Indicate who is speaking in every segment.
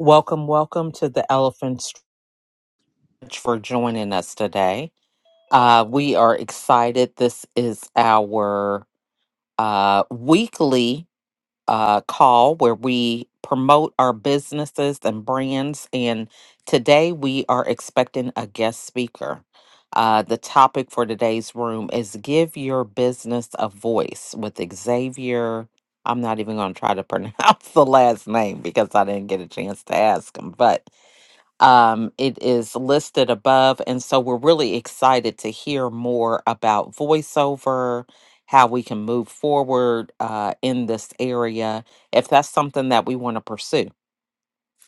Speaker 1: Welcome, welcome to the Elephant Stretch for joining us today. Uh, we are excited. This is our uh, weekly uh, call where we promote our businesses and brands. And today we are expecting a guest speaker. Uh, the topic for today's room is Give Your Business a Voice with Xavier. I'm not even going to try to pronounce the last name because I didn't get a chance to ask him, but um, it is listed above. And so we're really excited to hear more about voiceover, how we can move forward uh, in this area, if that's something that we want to pursue.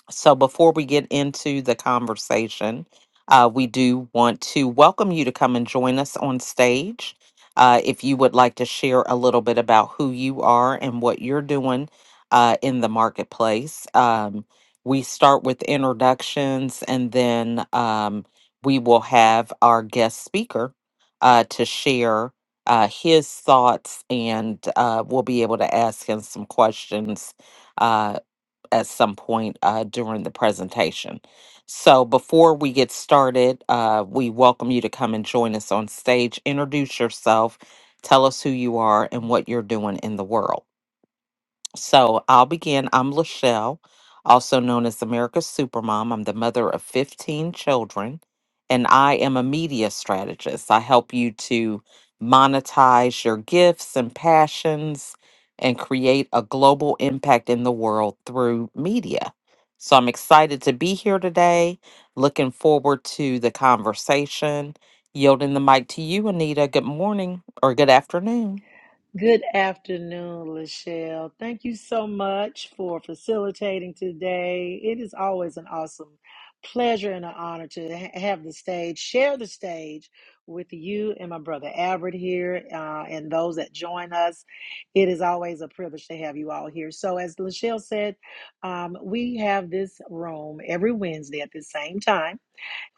Speaker 1: So before we get into the conversation, uh, we do want to welcome you to come and join us on stage. Uh, if you would like to share a little bit about who you are and what you're doing uh, in the marketplace, um, we start with introductions and then um, we will have our guest speaker uh, to share uh, his thoughts and uh, we'll be able to ask him some questions uh, up at some point uh, during the presentation. So before we get started, uh, we welcome you to come and join us on stage. Introduce yourself, tell us who you are and what you're doing in the world. So I'll begin. I'm Lachelle, also known as America's Supermom. I'm the mother of 15 children, and I am a media strategist. I help you to monetize your gifts and passions and create a global impact in the world through media. So I'm excited to be here today. Looking forward to the conversation. Yielding the mic to you, Anita. Good morning or good afternoon.
Speaker 2: Good afternoon, Lachelle. Thank you so much for facilitating today. It is always an awesome pleasure and an honor to ha- have the stage, share the stage with you and my brother Albert here, uh, and those that join us. It is always a privilege to have you all here. So, as Lachelle said, um, we have this room every Wednesday at the same time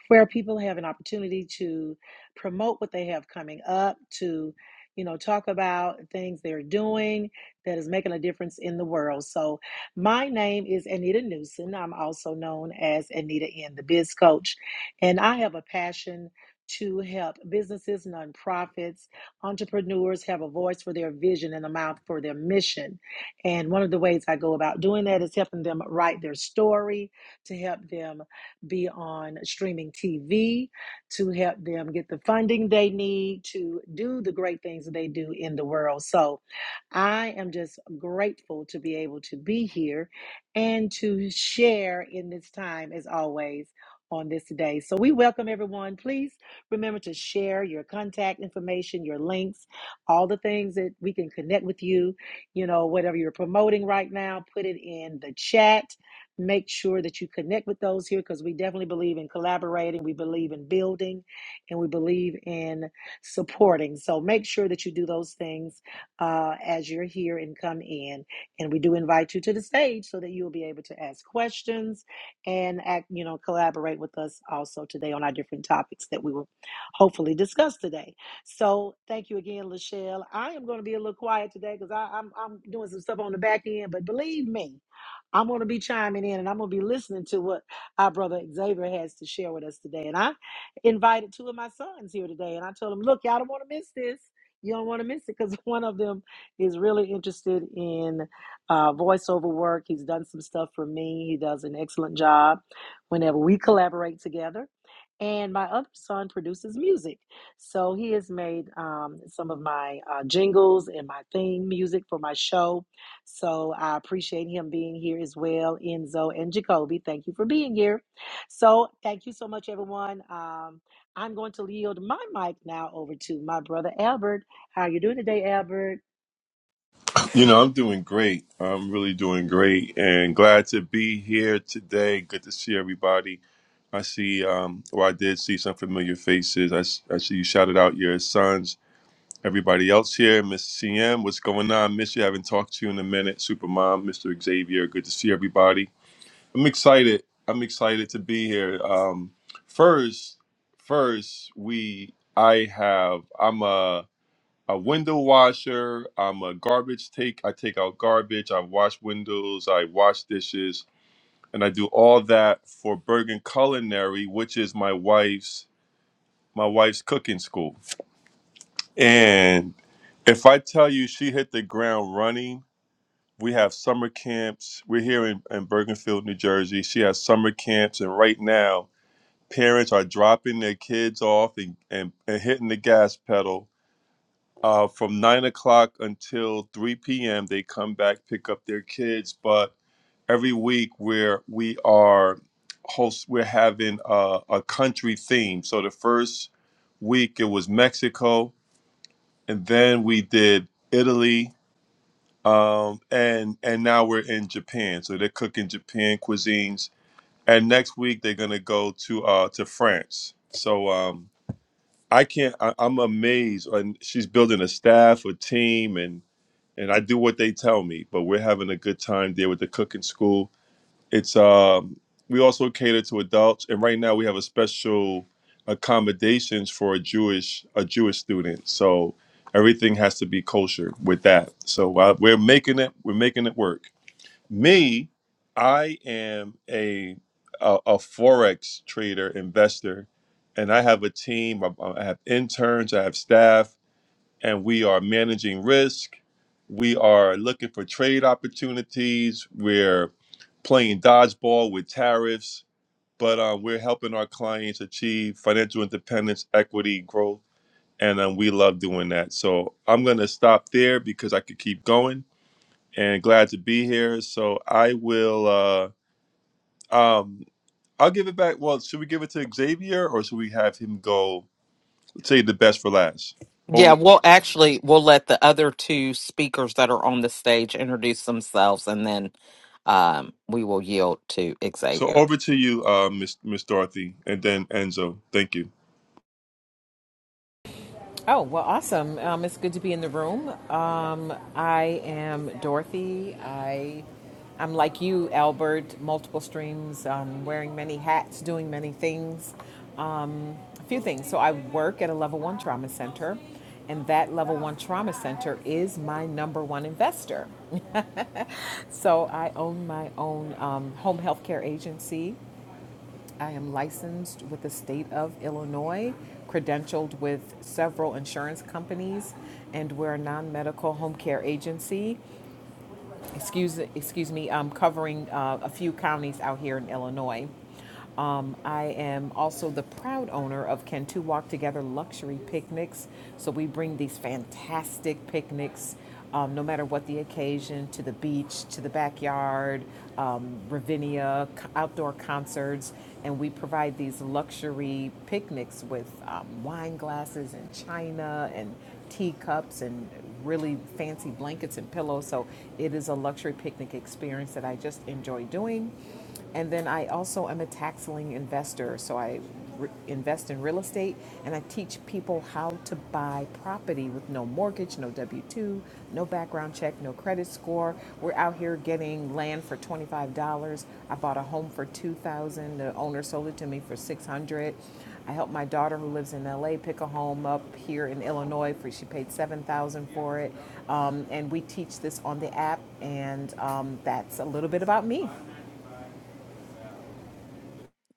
Speaker 2: where people have an opportunity to promote what they have coming up, to you know talk about things they're doing that is making a difference in the world. So my name is Anita Newson. I'm also known as Anita in the Biz Coach, and I have a passion to help businesses, nonprofits, entrepreneurs have a voice for their vision and a mouth for their mission. And one of the ways I go about doing that is helping them write their story, to help them be on streaming TV to help them get the funding they need to do the great things that they do in the world. So I am just grateful to be able to be here and to share in this time, as always, on this day. So we welcome everyone. Please remember to share your contact information, your links, all the things that we can connect with you. You know, whatever you're promoting right now, put it in the chat Make sure that you connect with those here because we definitely believe in collaborating, we believe in building, and we believe in supporting. So make sure that you do those things uh, as you're here and come in. And we do invite you to the stage so that you will be able to ask questions and act, you know, collaborate with us also today on our different topics that we will hopefully discuss today. So thank you again, Lachelle. I am going to be a little quiet today because I'm I'm doing some stuff on the back end, but believe me, I'm going to be chiming in and I'm going to be listening to what our brother Xavier has to share with us today. And I invited two of my sons here today and I told them, look, y'all don't want to miss this. You don't want to miss it because one of them is really interested in uh, voiceover work. He's done some stuff for me. He does an excellent job whenever we collaborate together. And my other son produces music. So he has made um, some of my uh, jingles and my theme music for my show so I appreciate him being here as well, Enzo and Jacoby. Thank you for being here. So thank you so much, everyone. Um, I'm going to yield my mic now over to my brother Albert. How you doing today, Albert?
Speaker 3: You know, I'm doing great. I'm really doing great and glad to be here today. Good to see everybody. I see, um, or I did see some familiar faces. I, s- I see you shouted out your sons. Everybody else here, Miss CM, what's going on? Miss you, haven't talked to you in a minute. Supermom, Mr. Xavier, good to see everybody. I'm excited. I'm excited to be here. Um, first, first, we, I have, I'm a, a window washer. I'm a garbage take. I take out garbage. I wash windows. I wash dishes, and I do all that for Bergen Culinary, which is my wife's my wife's cooking school. And if I tell you she hit the ground running, we have summer camps. We're here in, in Bergenfield, New Jersey. She has summer camps, and right now parents are dropping their kids off and, and, and hitting the gas pedal uh, from nine o'clock until three p.m. They come back, pick up their kids. But every week, where we are host, we're having a, a country theme. So the first week it was Mexico, and then we did Italy, um, and and now we're in Japan. So they're cooking Japan cuisines, and next week they're gonna go to uh, to France. So um, I can't. I, I'm amazed, and she's building a staff, a team, and and I do what they tell me. But we're having a good time there with the cooking school. It's um, we also cater to adults, and right now we have a special accommodations for a Jewish a Jewish student. So everything has to be kosher with that. So uh, we're making it we're making it work. Me, I am a a, a forex trader investor, and I have a team. I, I have interns. I have staff and we are managing risk. We are looking for trade opportunities. We're playing dodgeball with tariffs, but um, we're helping our clients achieve financial independence, equity, growth, and um, we love doing that. So I'm going to stop there because I could keep going and glad to be here. So I will, uh, um, I'll give it back. Well, should we give it to Xavier or should we have him go say the best for last? Over.
Speaker 1: Yeah, we'll actually we'll let the other two speakers that are on the stage introduce themselves and then um we will yield to
Speaker 3: So
Speaker 1: Xavier.
Speaker 3: over to you, uh, Miss Miss Dorothy, and then Enzo. Thank you.
Speaker 4: Oh, well, awesome. Um, it's good to be in the room. Um, I am Dorothy. I, I'm like you, Albert, multiple streams, um, wearing many hats, doing many things. Um, a few things. So, I work at a level one trauma center, and that level one trauma center is my number one investor. So, I own my own um, home health care agency I am licensed with the state of Illinois, credentialed with several insurance companies, and we're a non medical home care agency excuse, excuse me, I'm covering uh, a few counties out here in Illinois. Um, I am also the proud owner of Can Two Walk Together Luxury Picnics. So we bring these fantastic picnics, um, no matter what the occasion, to the beach, to the backyard, um, Ravinia, outdoor concerts, and we provide these luxury picnics with um, wine glasses and china and teacups and really fancy blankets and pillows. So it is a luxury picnic experience that I just enjoy doing. And then I also am a tax lien investor. So I re- invest in real estate and I teach people how to buy property with no mortgage, no W 2, no background check, no credit score. We're out here getting land for $25. I bought a home for 2000 The owner sold it to me for 600 I helped my daughter who lives in LA pick a home up here in Illinois for she paid seven thousand dollars for it, um, and we teach this on the app, and um, that's a little bit about me.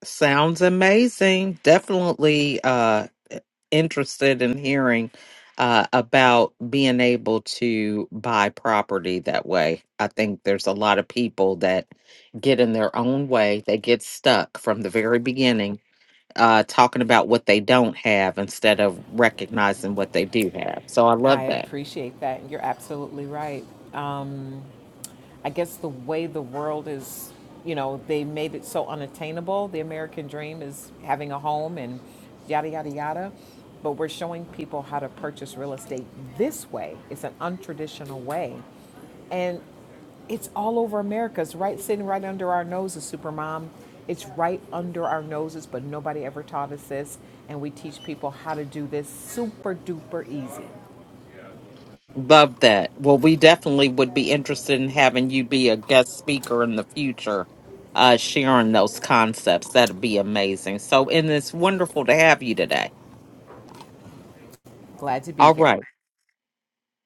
Speaker 1: Sounds amazing. Definitely uh interested in hearing uh about being able to buy property that way. I think there's a lot of people that get in their own way. They get stuck from the very beginning uh talking about what they don't have instead of recognizing what they do have. So I
Speaker 4: I
Speaker 1: love that.
Speaker 4: appreciate that. You're absolutely right. Um, I guess the way the world is, you know, they made it so unattainable. The American dream is having a home and yada yada yada. But we're showing people how to purchase real estate this way. It's an untraditional way. And it's all over America. It's right sitting right under our noses, Supermom. It's right under our noses, but nobody ever taught us this. And we teach people how to do this super duper easy.
Speaker 1: Love that. Well, we definitely would be interested in having you be a guest speaker in the future, uh, sharing those concepts. That'd be amazing. So, and it's wonderful to have you today.
Speaker 4: Glad to be
Speaker 1: All
Speaker 4: here.
Speaker 1: right.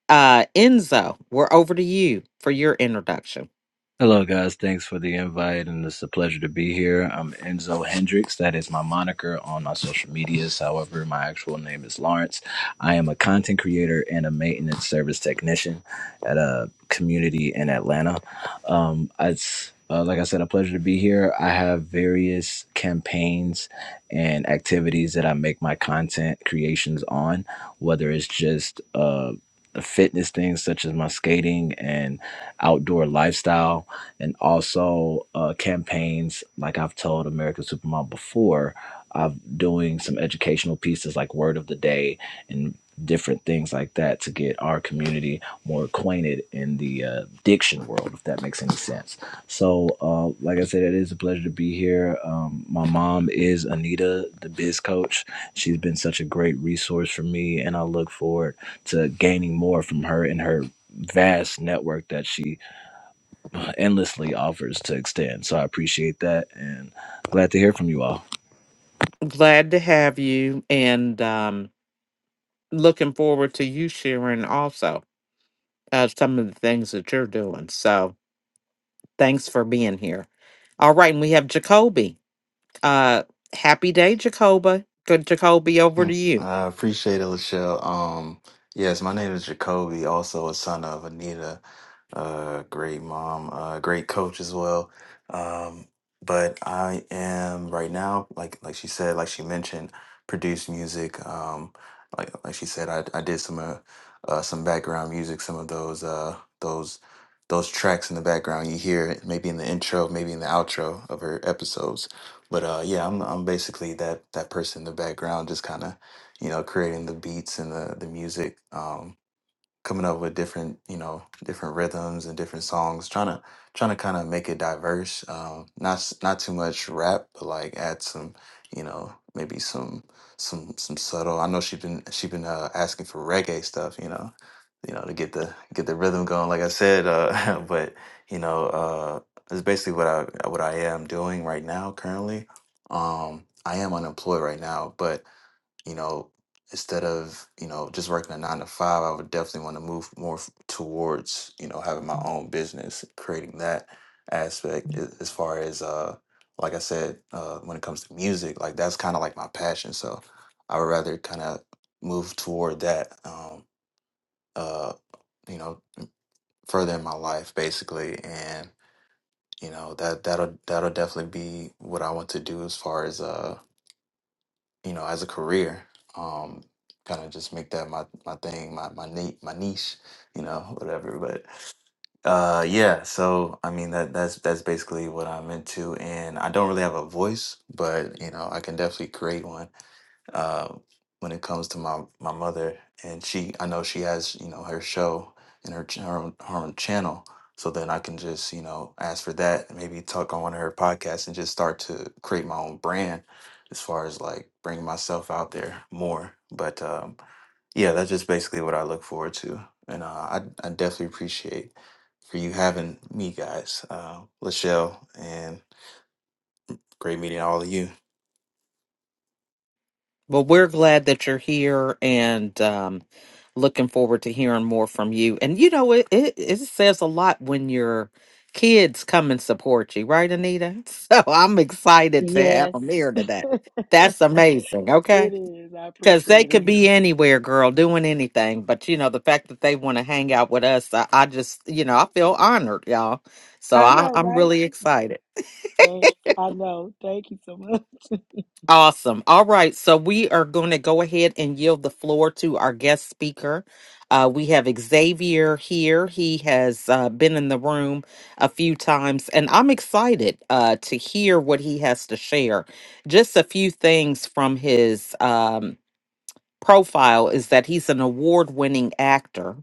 Speaker 1: Uh, Enzo, we're over to you for your introduction.
Speaker 5: Hello, guys. Thanks for the invite, and it's a pleasure to be here. I'm Enzo Hendricks. That is my moniker on my social medias. However, my actual name is Lawrence. I am a content creator and a maintenance service technician at a community in Atlanta. Um, it's uh, like I said, a pleasure to be here. I have various campaigns and activities that I make my content creations on, whether it's just uh, fitness things such as my skating and outdoor lifestyle and also uh, campaigns like I've told American Supermom before. I'm doing some educational pieces like Word of the Day and different things like that to get our community more acquainted in the uh, diction world, if that makes any sense. So, uh, like I said, it is a pleasure to be here. Um, my mom is Anita, the biz coach. She's been such a great resource for me, and I look forward to gaining more from her and her vast network that she endlessly offers to extend. So I appreciate that and glad to hear from you all.
Speaker 1: Glad to have you and um, looking forward to you sharing also uh, some of the things that you're doing. So, thanks for being here. All right. And we have Jacoby. Uh, happy day, Jacoba. Good, Jacoby, over
Speaker 6: Hmm.
Speaker 1: to you.
Speaker 6: I appreciate it, Lachelle. Um, yes, my name is Jacoby, also a son of Anita, uh, great mom, uh, great coach as well. Um, but I am right now, like like she said, like she mentioned, produce music. Um, like like she said, I, I did some uh, uh, some background music, some of those uh, those those tracks in the background you hear, maybe in the intro, maybe in the outro of her episodes but uh, yeah, I'm I'm basically that that person in the background, just kind of, you know, creating the beats and the the music. Um, coming up with different you know different rhythms and different songs trying to trying to kind of make it diverse um not s- not too much rap but like add some you know maybe some some some subtle i know she's been she been uh, asking for reggae stuff you know you know to get the get the rhythm going like i said uh but you know uh it's basically what i what i am doing right now currently um i am unemployed right now but you know, instead of, you know, just working a nine to five, I would definitely want to move more f- towards, you know, having my own business, creating that aspect a- as far as, uh, like I said, uh, when it comes to music, like that's kind of like my passion. So I would rather kind of move toward that, um, uh, you know, further in my life basically. And, you know, that, that'll, that'll definitely be what I want to do as far as, uh. you know, as a career, um, kind of just make that my my thing, my my niche, my niche, you know, whatever. But uh, yeah, so I mean that that's that's basically what I'm into, and I don't really have a voice, but you know, I can definitely create one uh, when it comes to my my mother, and she I know she has you know her show and her ch- her own, her own channel, so then I can just you know ask for that, and maybe talk on one of her podcasts, and just start to create my own brand as far as like bringing myself out there more. But um, yeah, that's just basically what I look forward to, and uh, I I definitely appreciate for you having me guys, uh, Lachelle and great meeting all of you.
Speaker 1: Well, we're glad that you're here and um, looking forward to hearing more from you. And you know, it, it it says a lot when your kids come and support you, right, Anita? So I'm excited to have
Speaker 2: Yes,
Speaker 1: them here today. That's amazing.
Speaker 2: it
Speaker 1: Okay.
Speaker 2: is. I
Speaker 1: Because they
Speaker 2: appreciate him.
Speaker 1: could be anywhere, girl, doing anything. But, you know, the fact that they want to hang out with us, I, I just, you know, I feel honored, y'all. So
Speaker 2: I
Speaker 1: I,
Speaker 2: know,
Speaker 1: I'm
Speaker 2: right?
Speaker 1: really excited.
Speaker 2: Thanks. I know. Thank you so much.
Speaker 1: Awesome. All right. So we are going to go ahead and yield the floor to our guest speaker. Uh, we have Xavier here. He has uh, been in the room a few times, and I'm excited uh, to hear what he has to share. Just a few things from his um, profile is that he's an award winning actor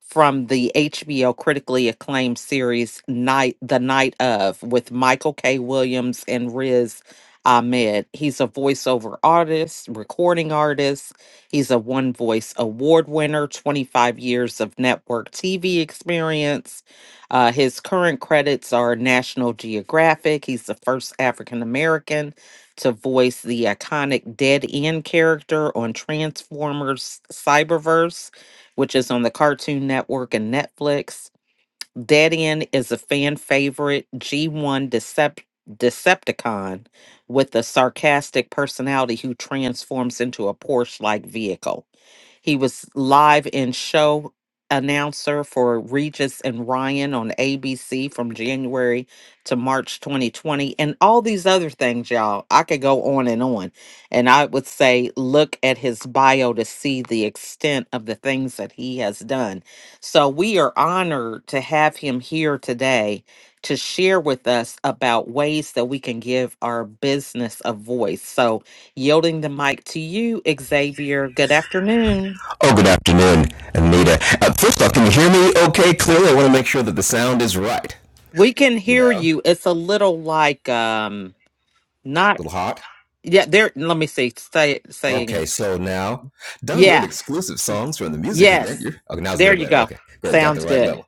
Speaker 1: from the HBO critically acclaimed series Night The Night of with Michael K. Williams and Riz Ahmed. He's a voiceover artist, recording artist. He's a one voice award winner, 25 years of network TV experience. Uh, his current credits are National Geographic. He's the first African American to voice the iconic Dead End character on Transformers Cyberverse which is on the Cartoon Network and Netflix. Dead End is a fan favorite G1 Decep- Decepticon with a sarcastic personality who transforms into a Porsche like vehicle. He was live in show announcer for Regis and Ryan on ABC from January to March 2020 and all these other things, y'all. I could go on and on. And I would say look at his bio to see the extent of the things that he has done. So we are honored to have him here today to share with us about ways that we can give our business a voice. So yielding the mic to you, Xavier. Good afternoon. We can hear you. It's a little like um not yeah, there let me see. Say saying yeah. Yes. There you go. Sounds good.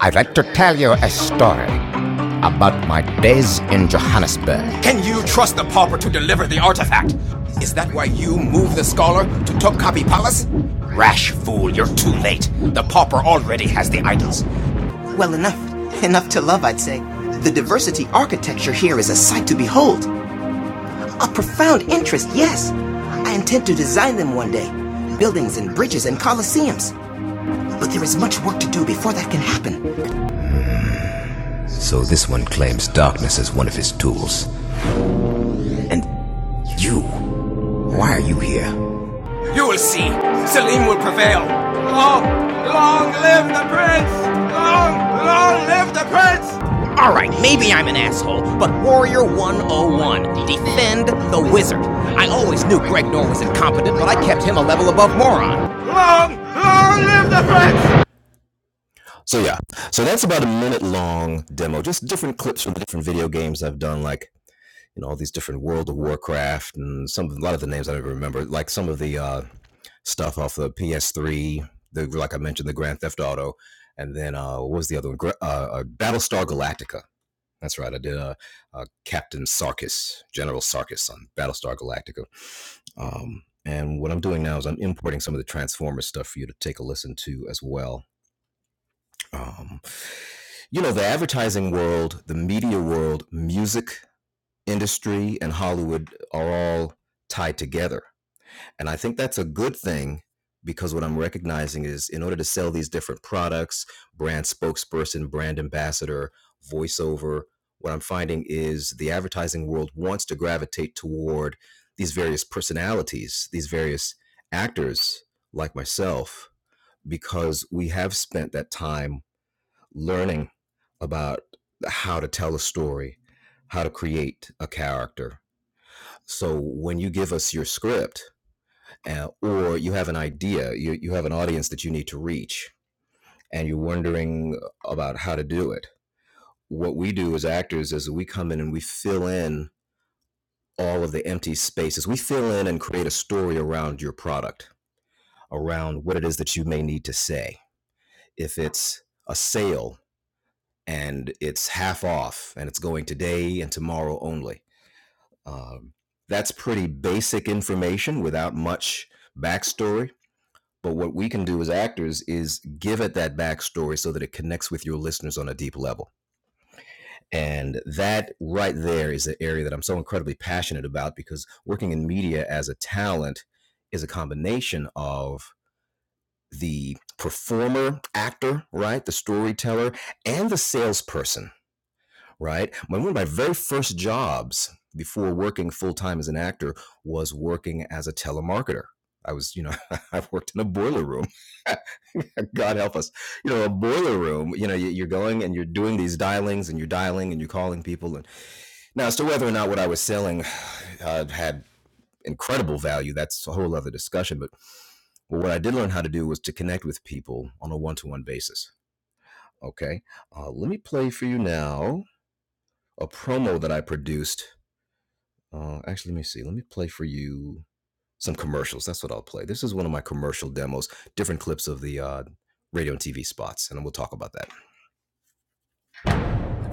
Speaker 7: I'd like to tell you a story about my days in Johannesburg. Can you trust the pauper to deliver the artifact? Is that why you moved the scholar to Topkapi Palace? Fool, you're too late. The pauper already has the idols. Well, enough. Enough to love, I'd say. The diversity architecture here is a sight to behold. A profound interest, yes. I intend to design them one day buildings and bridges and coliseums. But there is much work to do before that can happen. And you You will see. Selim will prevail. Alright, maybe I'm an asshole, but Warrior 101, defend the wizard. I always knew Greg Norr was incompetent, but I kept him a level above moron. Long, long live the threat!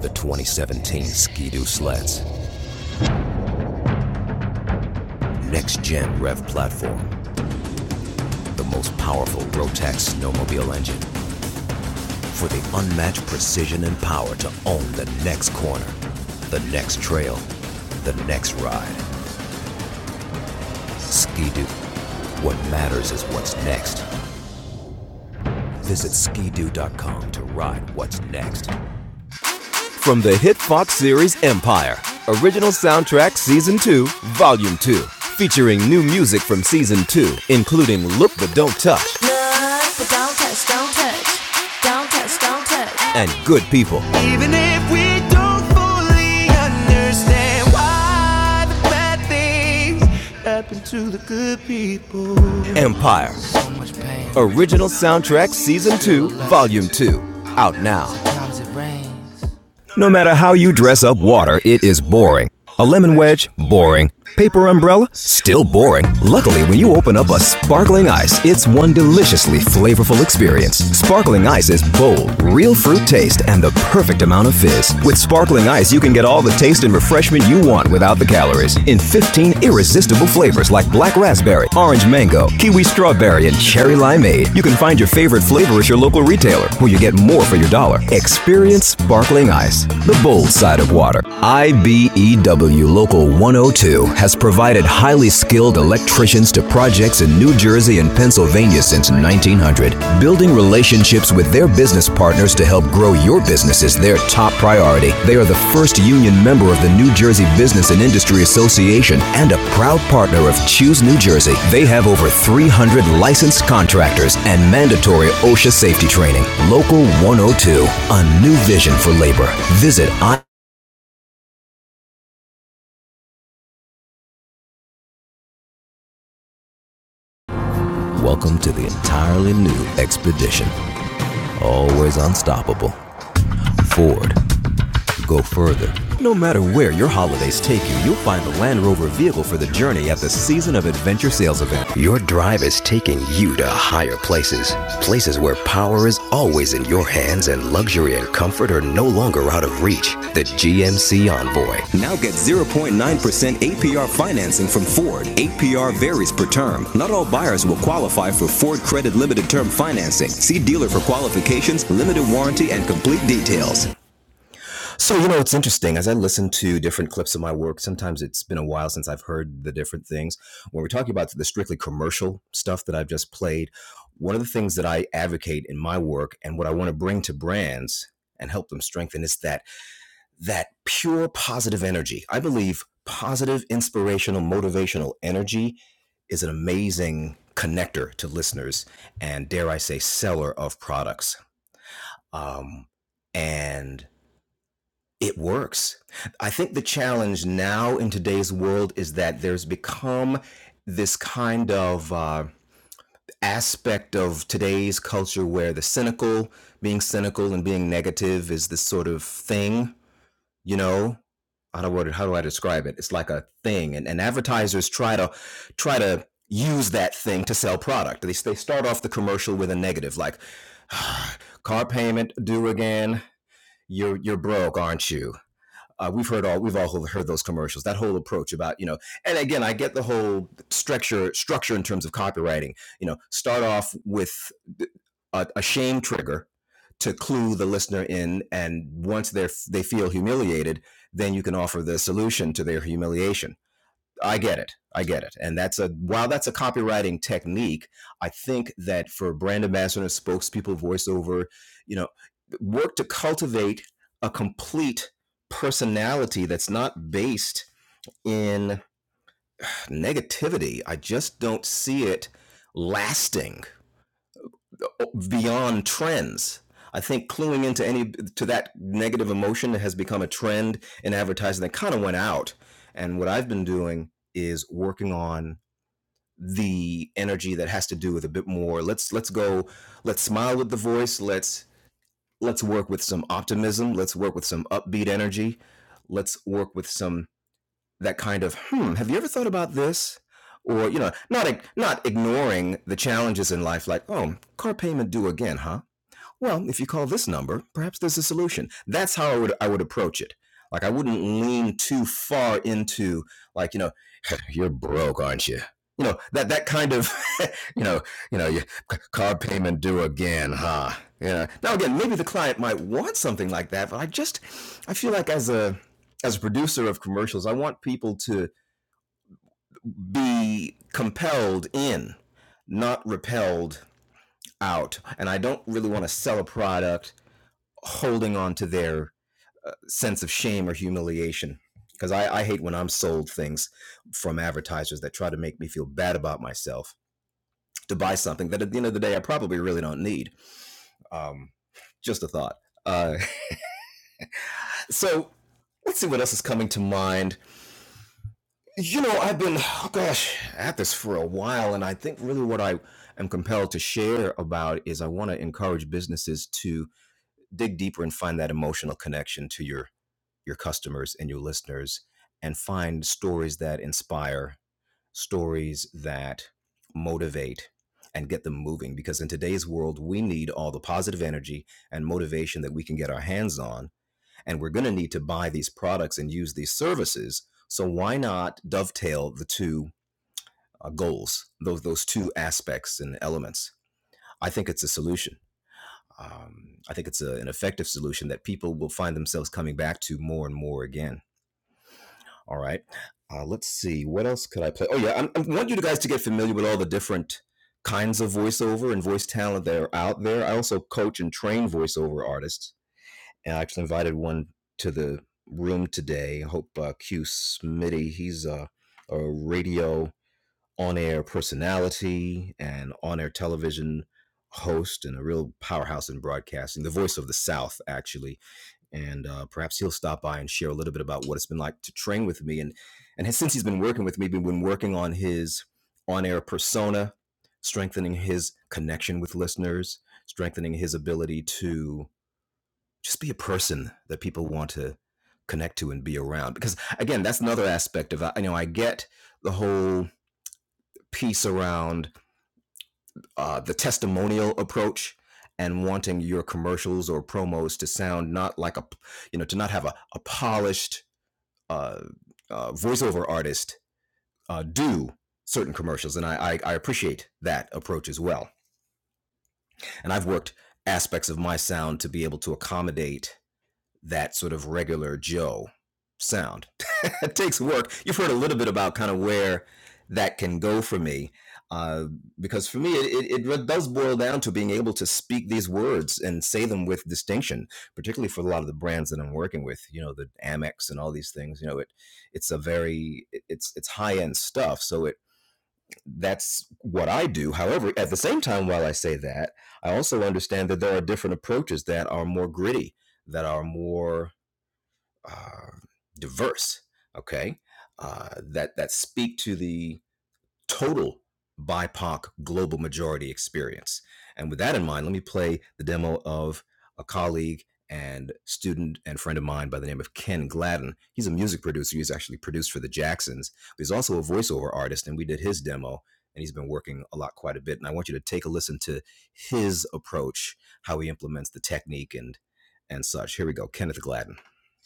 Speaker 7: The 2017 Ski-Doo Sleds. Next-gen rev platform. The most powerful Rotax snowmobile engine for the unmatched precision and power to own the next corner, the next trail, the next ride. Ski-Doo. What matters is what's next. Visit skidoo.com to ride what's next. From the hit Fox series Empire, original soundtrack Season 2, Volume 2, featuring new music from Season 2, including Look But Don't Touch But don't touch, don't touch, don't touch, don't touch. and Good People. We don't fully understand why the bad things happen to the good people. 1900, Building, New Jersey. 300 licensed contractors, and mandatory OSHA safety training. Local 102, a new vision for labor. Visit I. Welcome to the entirely new expedition. Always unstoppable. Ford, go further. No matter where your holidays take you, you'll find the Land Rover vehicle for the journey at the Season of Adventure sales event. Your Now get 0.9% APR financing from Ford. APR varies per term. Not all buyers will qualify for Ford Credit Limited Term Financing. See dealer for qualifications, limited warranty, and complete details.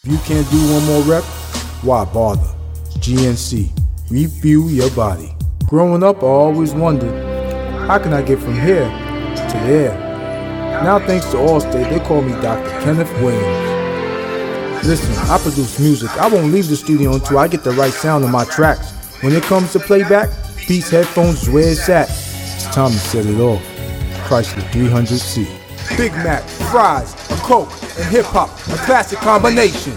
Speaker 7: If you can't do one more rep, why bother? GNC, refuel your body. Growing up, I always wondered, how can I get from here to there? Now, thanks to Allstate, they call me Dr. Kenneth Williams. Listen, I produce music. I won't leave the studio until I get the right sound on my tracks. When it comes to playback, Beats headphones is where it's at. It's time to set it off. Chrysler 300C. Big Mac, fries, a Coke, and hip hop, a classic combination.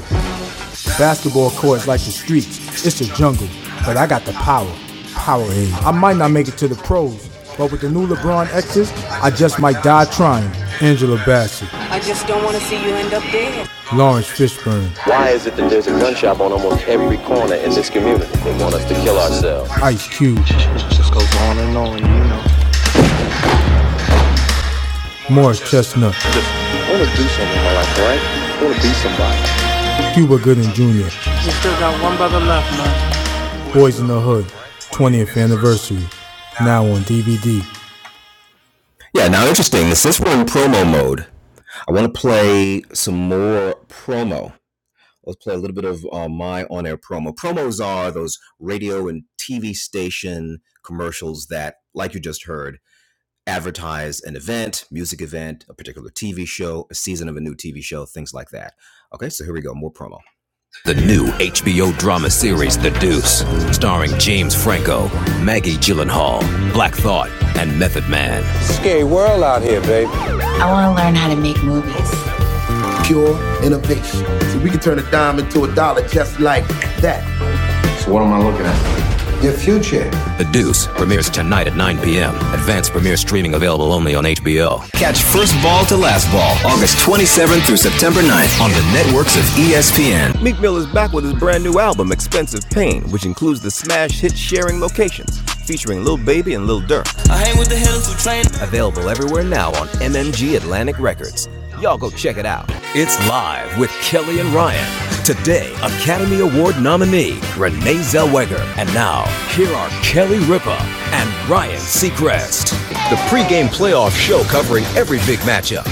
Speaker 7: Basketball courts like the streets. It's a jungle, but I got the power. Powerade. I might not make it to the pros, but with the new LeBron X's, I just might die trying. Angela Bassett. I wanna end up Lawrence Fishburne, Why is it that there's a gun shop on almost every corner in this community? They want us to kill ourselves. Ice Cube, Morris Chestnut, Cuba Gooding Jr., Boys in the Hood, 20th anniversary. Now on DVD. James Franco, E. Gyllenhaal, Black Thought, and Method Man. pure innovation. So we can turn a dime into a dollar just like On the networks of ESPN, Meek Mill is back with his brand new album, Expensive Pain, which includes the smash hit Sharing Locations, featuring Lil Baby and Lil Durk. Available everywhere now on MMG Atlantic Records. Y'all go check it out. It's live with Kelly and Ryan. Today, Academy Award nominee Renee Zellweger. And now, here are Kelly Ripa and Ryan Seacrest. The pregame playoff show covering every big matchup.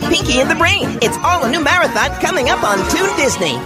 Speaker 7: Pinky and the Brain. It's all a new marathon coming up on Toon Disney.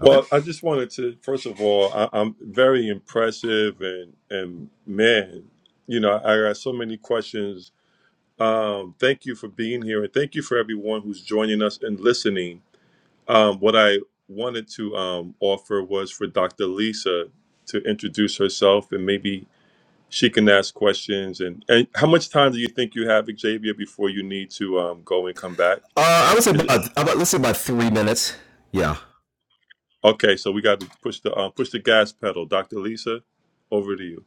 Speaker 3: Well, I just wanted to, first of all, I, I'm very impressive and, and man, you know, I got so many questions. Um, thank you for being here and thank you for everyone who's joining us and listening. Um, what I wanted to um, offer was for Dr. Lisa to introduce herself and maybe she can ask questions. And, and how much time do you think you have, Xavier, before you need to um, go and come back? Okay, so we got to push the uh, push the gas pedal. Dr. Lisa, over to you.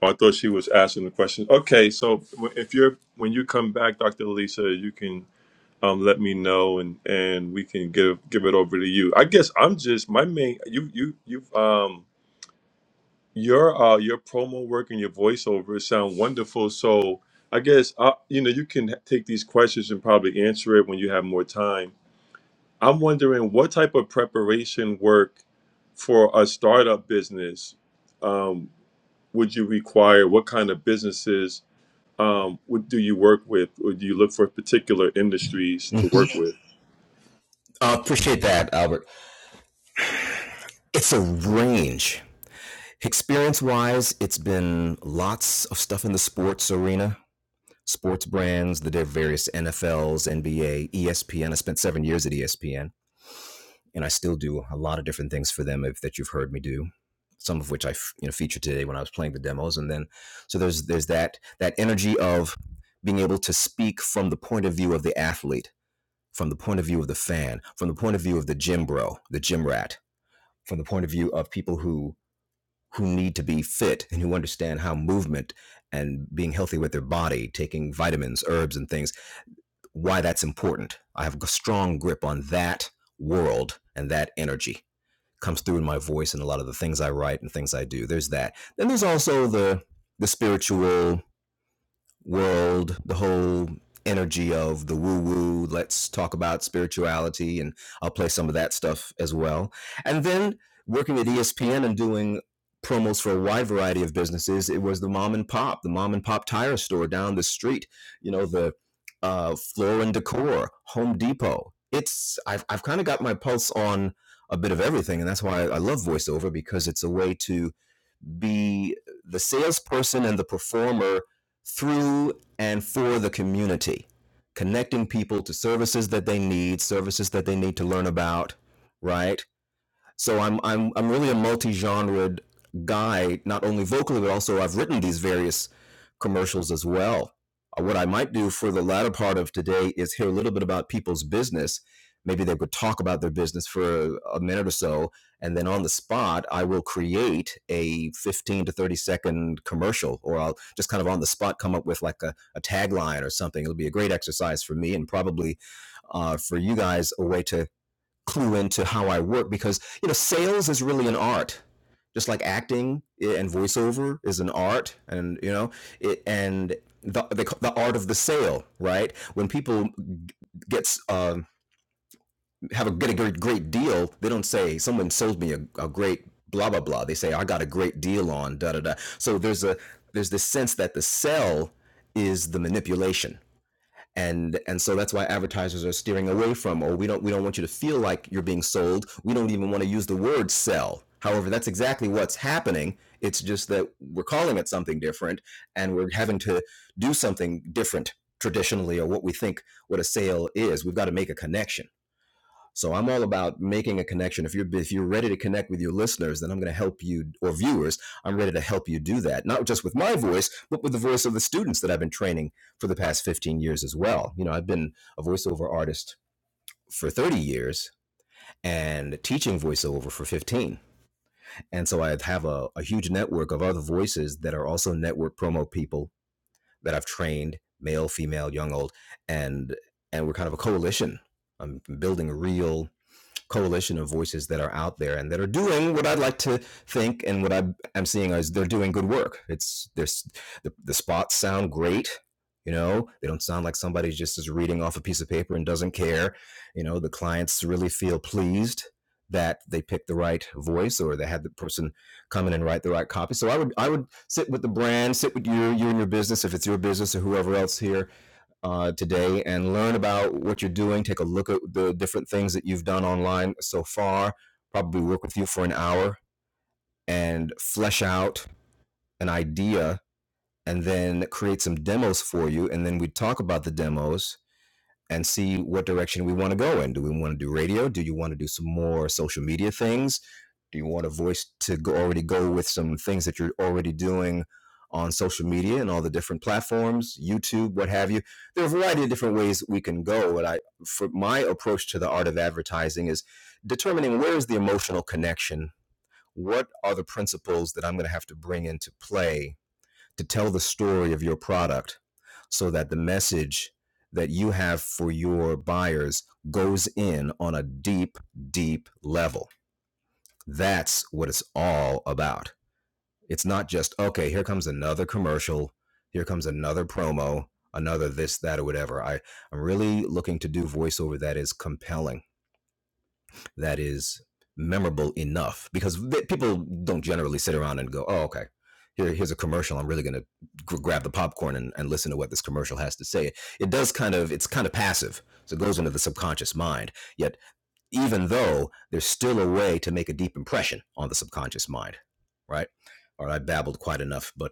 Speaker 3: Oh, I thought she was asking the question. Okay, so w- if you're when you come back, Dr. Lisa, you can um, let me know and and we can give give it over to you. I guess I'm just my main you you you um your uh your promo work and your voiceover sound wonderful. So I guess uh you know you can take these questions and probably answer it when you have more time. I'm wondering what type of preparation work for a startup business, um, would you require what kind of businesses? Um, what do you work with, or do you look for particular industries to work with?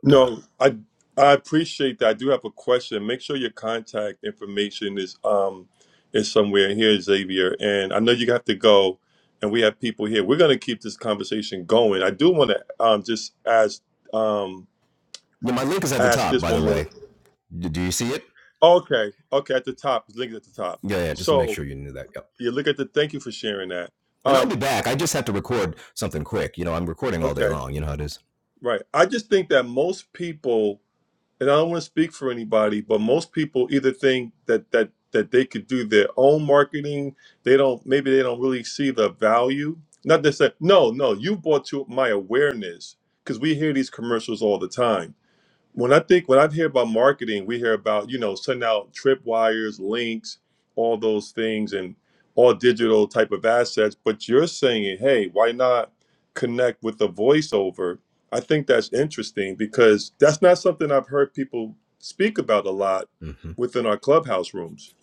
Speaker 3: No, I I appreciate that. I do have a question. Make sure your contact information is um is somewhere here, Xavier. And I know you have to go, and we have people here. We're going to keep this conversation going. I do want to um just ask um ask this one more. Okay, okay, at the top, it's linked at the top. So. You look at the. Thank you for sharing that. Um, okay, right. I just think that most people, and I don't want to speak for anybody, but most people either think that that that they could do their own marketing. They don't. Maybe they don't really see the value. Not to say No, no. You brought to my awareness because we hear these commercials all the time when I think when I hear about marketing, we hear about you know sending out tripwires, links, all those things, and all digital type of assets. But you're saying, hey, why not connect with the voiceover? I think that's interesting because that's not something I've heard people speak about a lot within our clubhouse rooms.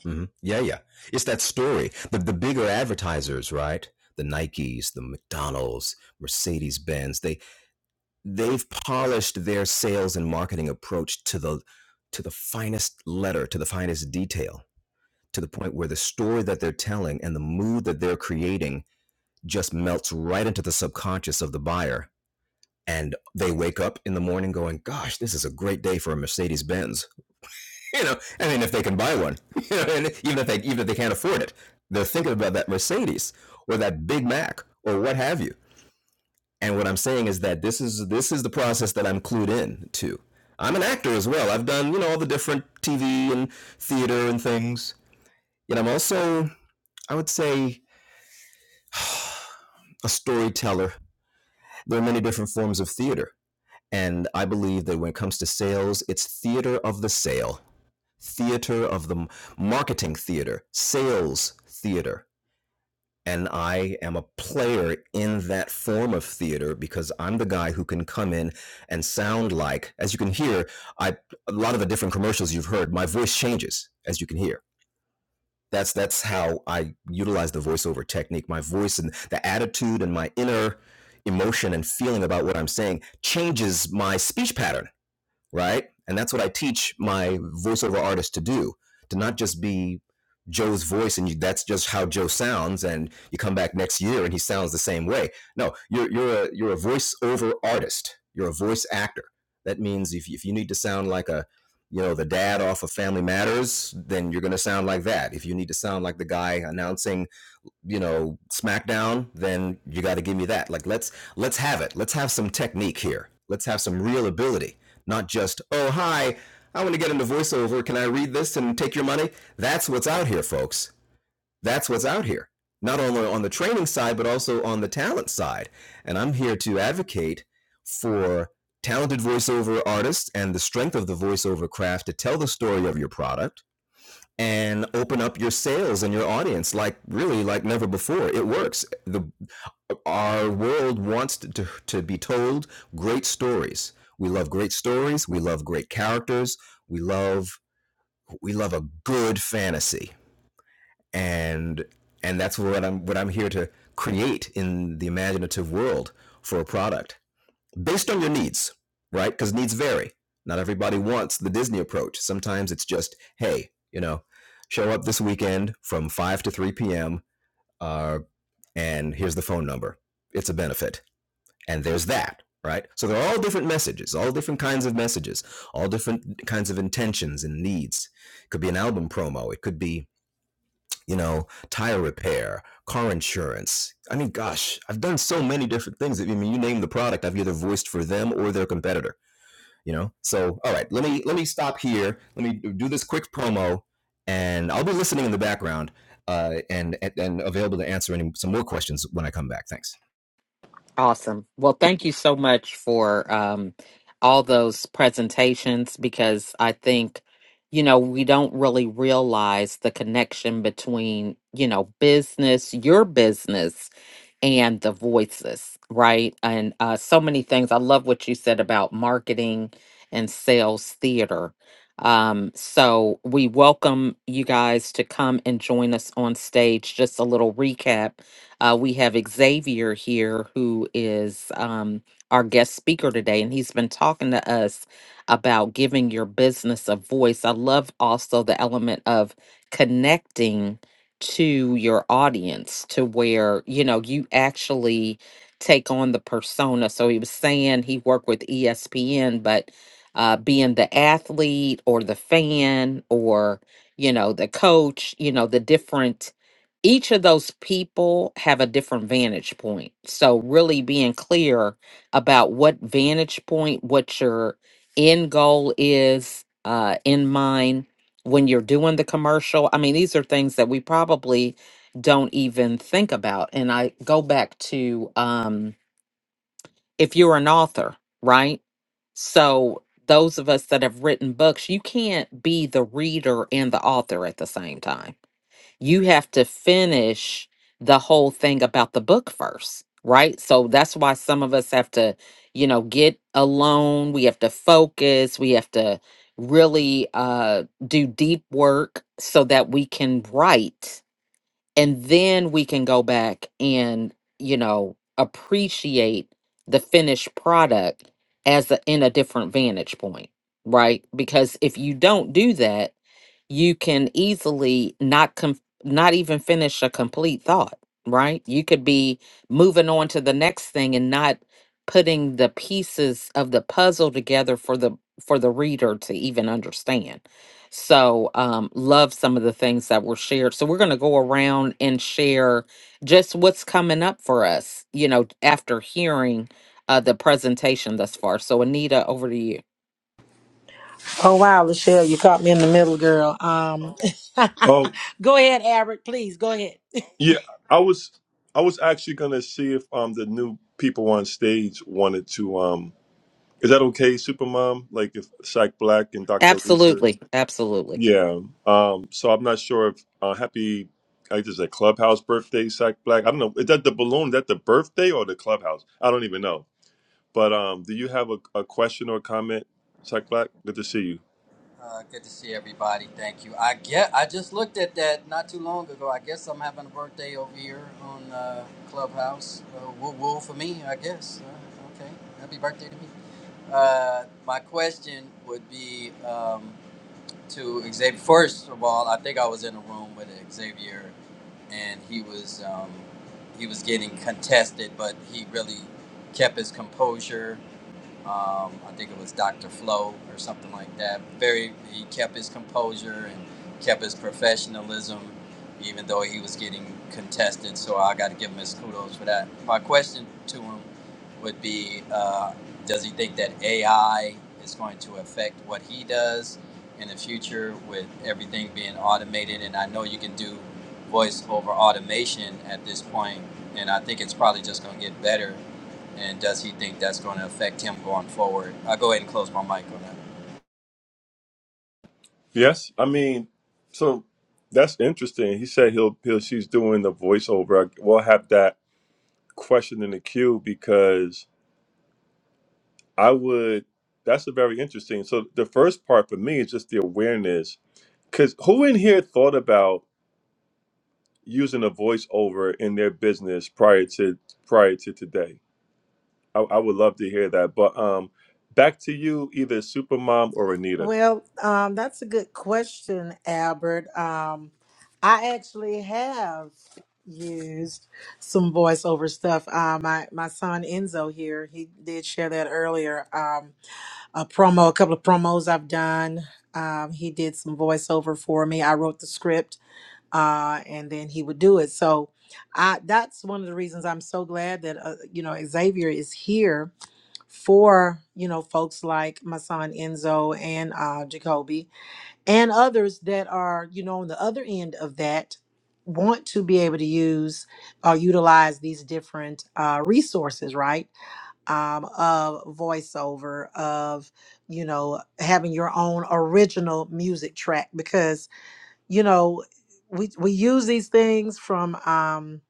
Speaker 1: Awesome. Well, thank you so much for um all those presentations because I think you know, we don't really realize the connection between, you know, business, your business and the voices, right? And uh, so many things. I love what you said about marketing and sales theater. Um, so we welcome you guys to come and join us on stage. Just a little recap. Uh, we have Xavier here, who is um, our guest speaker today, and he's been talking to us about giving your business a voice. I love also the element of connecting to your audience to where you know you actually take on the persona so he was saying he worked with espn but uh, being the athlete or the fan or you know the coach you know the different each of those people have a different vantage point so really being clear about what vantage point what your end goal is uh, in mind when you're doing the commercial. I mean, these are things that we probably don't even think about. And I go back to um, if you're an author, right? So, those of us that have written books, you can't be the reader and the author at the same time you have to finish the whole thing about the book first, right? So that's why some of us have to, you know, get alone. We have to focus. We have to really uh, do deep work so that we can write and then we can go back and, you know, appreciate the finished product as a, in a different vantage point, right? Because if you don't do that, you can easily not com- not even finish a complete thought right you could be moving on to the next thing and not putting the pieces of the puzzle together for the for the reader to even understand so um love some of the things that were shared so we're going to go around and share just what's coming up for us you know after hearing uh the presentation thus far so anita over to you
Speaker 2: Oh wow, Lachelle, you caught me in the middle, girl. Um,
Speaker 3: Oh
Speaker 2: go ahead, Albert. Please go ahead.
Speaker 3: yeah, I was I was actually gonna see if um the new people on stage wanted to um. Is that okay, Supermom? Like if Shaq Black and Dr. Lisa
Speaker 1: absolutely absolutely
Speaker 3: Yeah. Um, so I'm not sure if uh, happy, I think it's a clubhouse birthday, Sack Black. I don't know. Is that the balloon? Is that the birthday or the clubhouse? I don't even know. But um, do you have a, a question or comment, Sack Black? Good to see you.
Speaker 8: Uh, good to see everybody. Thank you. I get. I just looked at that not too long ago. I guess I'm having a birthday over here on uh, Clubhouse. Uh, woo woo for me, I guess. Uh, okay, happy birthday to me. Uh, my question would be um, to Xavier. First of all, I think I was in a room with Xavier, and he was um, he was getting contested, but he really kept his composure um, I think it was Dr. Flo or something like that. Very, he kept his composure and kept his professionalism, even though he was getting contested. So I got to give him his kudos for that. My question to him would be uh, Does he think that AI is going to affect what he does in the future with everything being automated? And I know you can do voice over automation at this point, and I think it's probably just going to get better and does he think that's going to affect him going forward? I'll go ahead and close my mic on that.
Speaker 3: Yes. I mean, so that's interesting. He said he'll, he'll she's doing the voiceover. I- We'll have that question in the queue because I would. That's a very interesting. So the first part for me is just the awareness. Because who in here thought about? using a voiceover in their business prior to prior to today. I, I would love to hear that. But um, back to you, either Supermom or Anita.
Speaker 2: Well, um, that's a good question, Albert. Um, I actually have used some voiceover stuff. Uh, my my son Enzo here, he did share that earlier. Um, a promo, a couple of promos I've done. Um, he did some voiceover for me. I wrote the script, uh, and then he would do it. So, I that's one of the reasons I'm so glad that uh, you know Xavier is here for you know folks like my son Enzo and uh, Jacoby and others that are you know on the other end of that want to be able to use or utilize these different uh, resources right um, of voiceover of you know having your own original music track because you know we we use these things from um,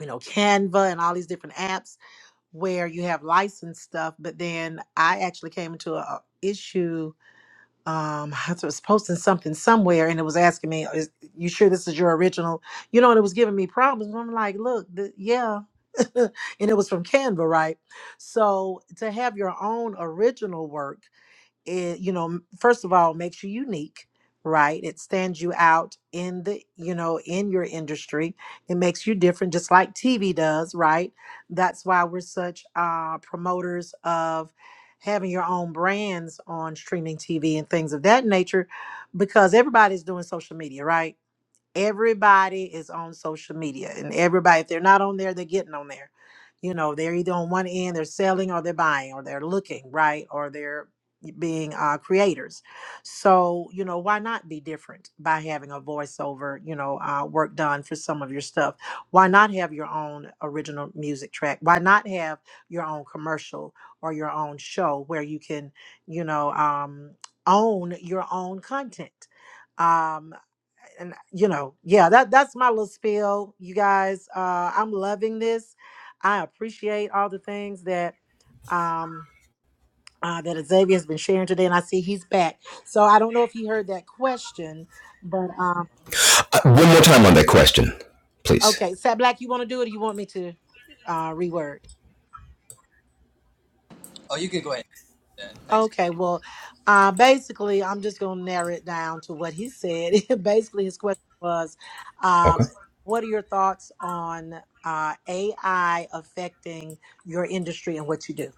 Speaker 2: you know Canva and all these different apps where you have licensed stuff, but then I actually came into a a issue. Um, I was posting something somewhere, and it was asking me, "Is you sure this is your original?" You know, and it was giving me problems. I'm like, "Look, th- yeah," and it was from Canva, right? So to have your own original work it, you know, first of all, makes you unique, right? It stands you out in the, you know, in your industry. It makes you different, just like TV does, right? That's why we're such uh, promoters of having your own brands on streaming TV and things of that nature, because everybody's doing social media, right? everybody is on social media and everybody if they're not on there they're getting on there you know they're either on one end they're selling or they're buying or they're looking right or they're being uh, creators so you know why not be different by having a voiceover you know uh, work done for some of your stuff why not have your own original music track why not have your own commercial or your own show where you can you know um, own your own content um and you know, yeah, that that's my little spiel, you guys. Uh, I'm loving this. I appreciate all the things that um uh, that Xavier has been sharing today, and I see he's back. So I don't know if he heard that question, but um, okay, Sat Black, you want to do it? or You want me to uh, reword?
Speaker 8: Oh, you can go ahead. and Thanks.
Speaker 2: Okay, well, uh, basically, I'm just going to narrow it down to what he said. basically, his question was, um, what are your thoughts on uh, AI affecting your industry and what you do?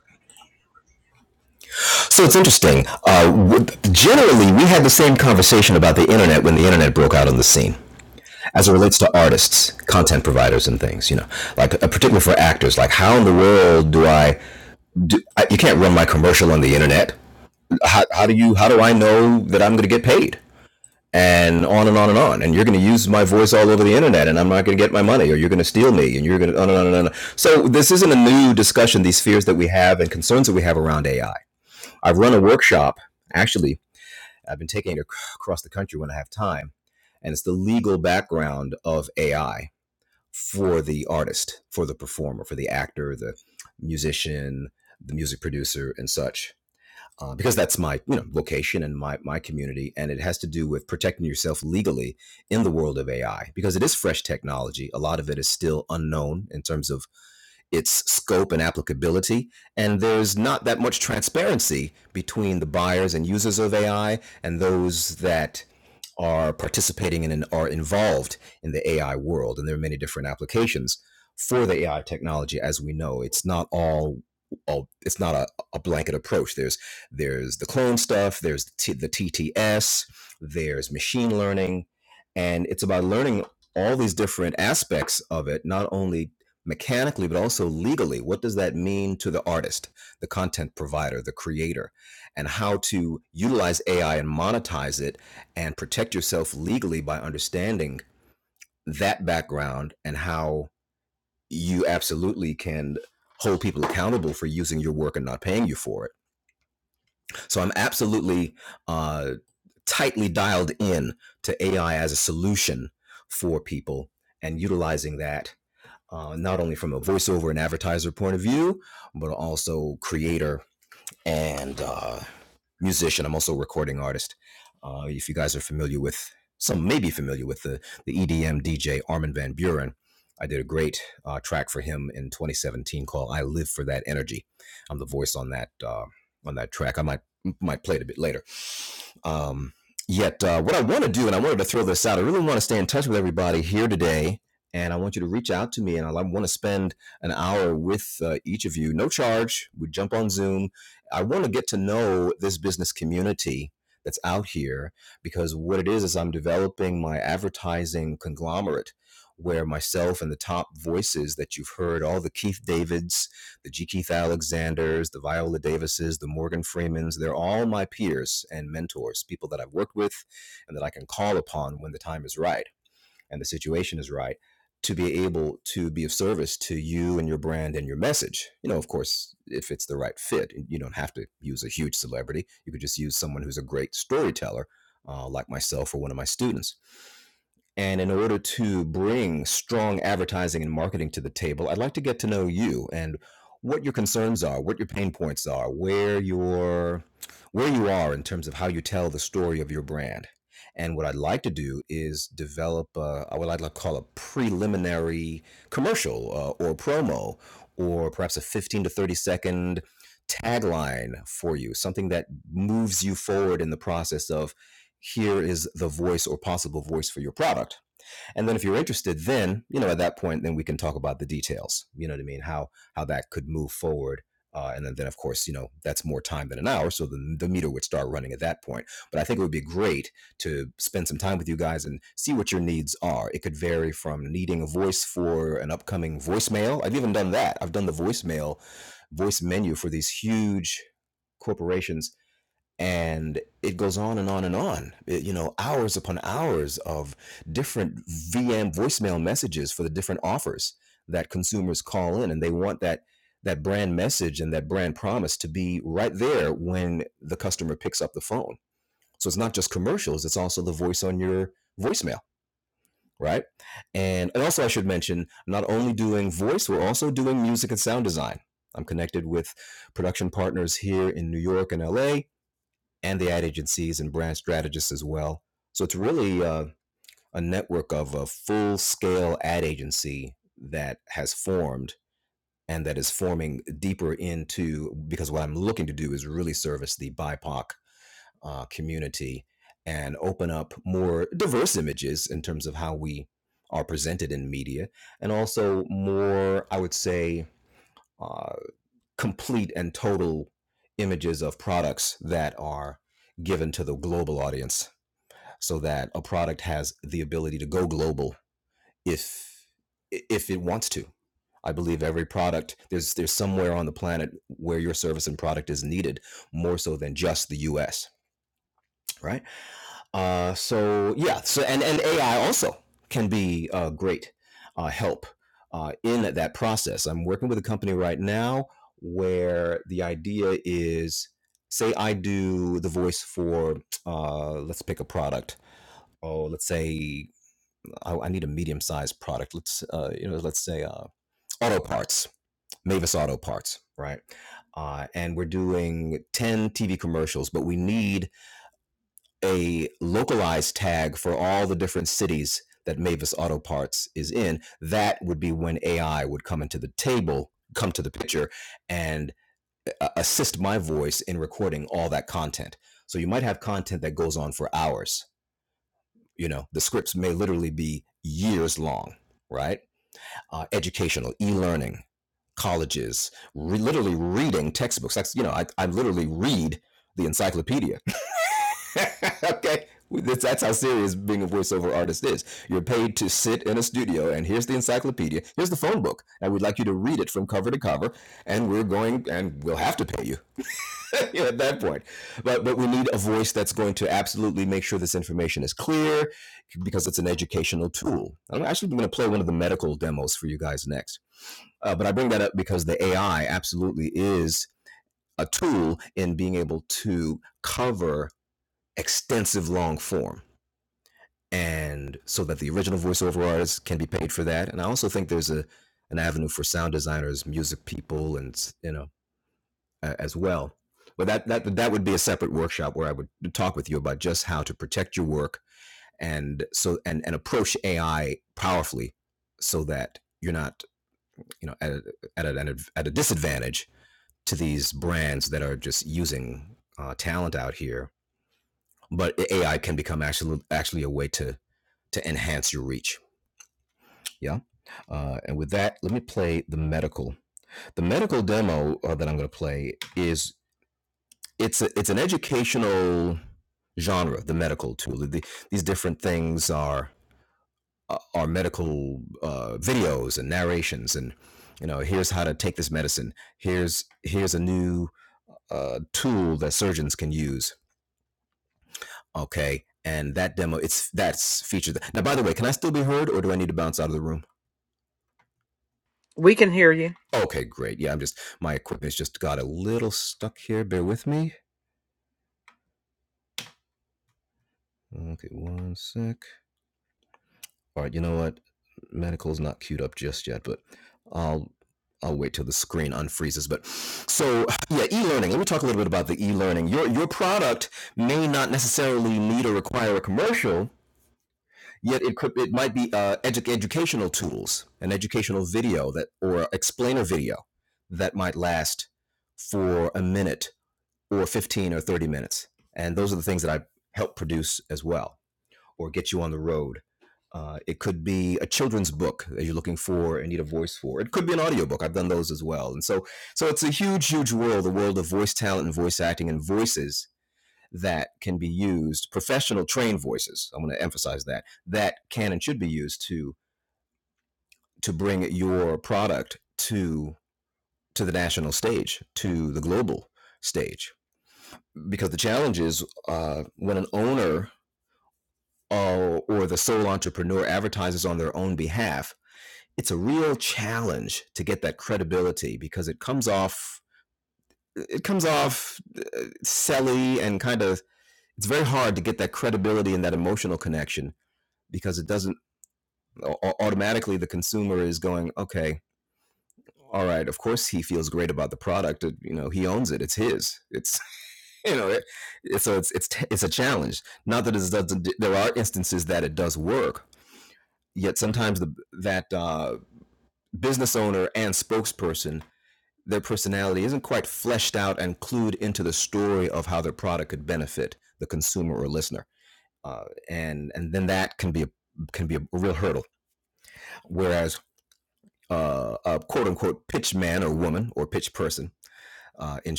Speaker 1: we can hear you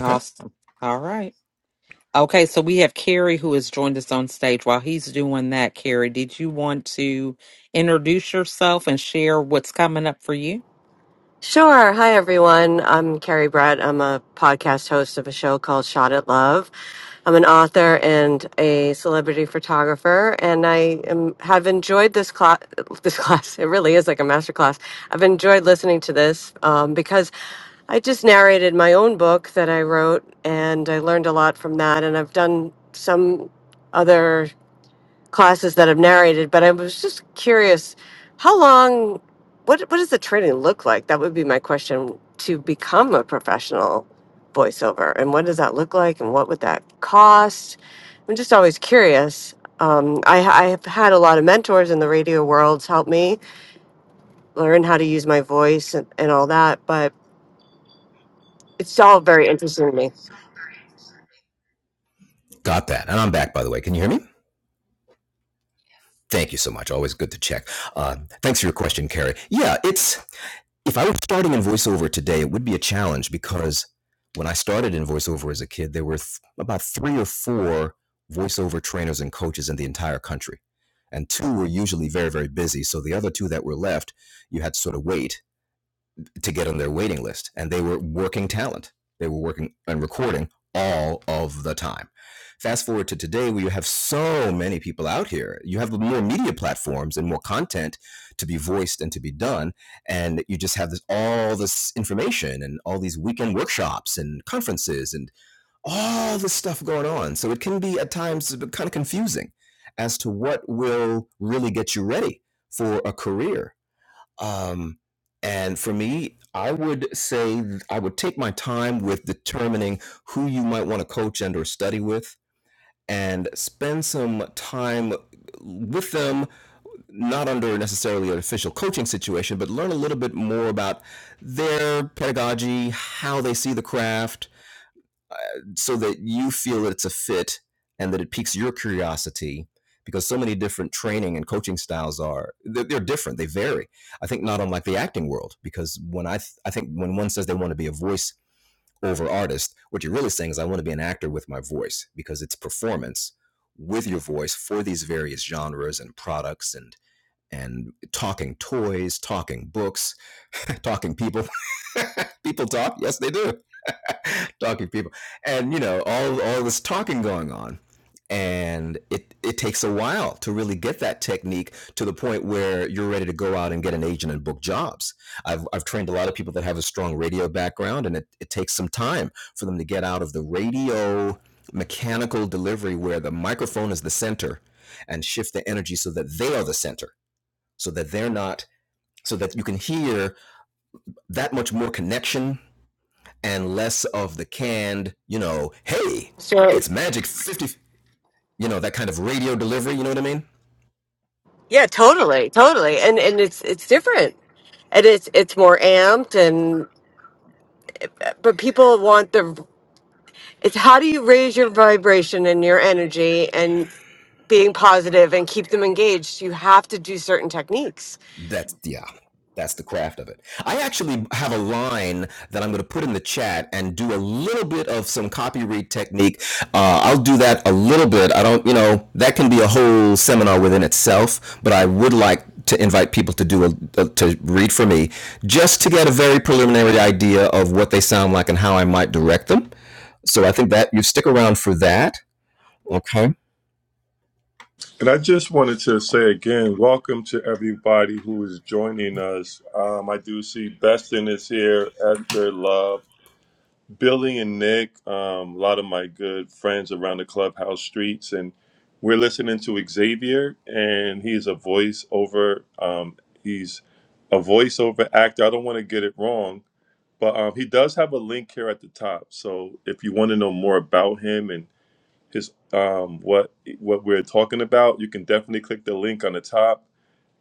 Speaker 1: Awesome. All right. Okay, so we have Carrie who has joined us on stage. While he's doing that, Carrie, did you want to introduce yourself and share what's coming up for you?
Speaker 9: Sure. Hi, everyone. I'm Carrie Brett. I'm a podcast host of a show called Shot at Love. I'm an author and a celebrity photographer, and I am, have enjoyed this class. This class, it really is like a master class. I've enjoyed listening to this um, because I just narrated my own book that I wrote, and I learned a lot from that. And I've done some other classes that I've narrated, but I was just curious how long, what, what does the training look like? That would be my question to become a professional voiceover. And what does that look like? And what would that cost? I'm just always curious. Um, I, I have had a lot of mentors in the radio worlds help me learn how to use my voice and, and all that, but it's all very interesting to me. So, yeah, totally, totally, and and it's it's different and it's it's more amped and. but people want the it's how do you raise your vibration and your energy and being positive and keep them engaged you have to do certain techniques
Speaker 3: And I just wanted to say again, welcome to everybody who is joining us. Um, I do see Beston is here, Esther Love. Billy and Nick, um, a lot of my good friends around the clubhouse streets, and we're listening to Xavier, and he's a voiceover. Um, he's a voiceover actor. I don't want to get it wrong, but um, he does have a link here at the top. So if you want to know more about him and his um, what what we're talking about, you can definitely click the link on the top.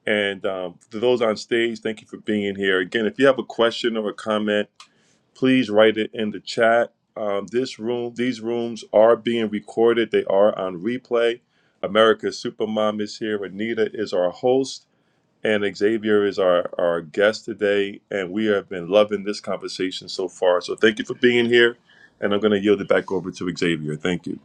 Speaker 3: And um, to those on stage, thank you for being here. Again, if you have a question or a comment please write it in the chat. Um, this room, these rooms are being recorded. They are on replay. America's Supermom is here. Anita is our host, and Xavier is our, our guest today. And we have been loving this conversation so far. So thank you for being here. And I'm going to yield it back over to Xavier. Thank you.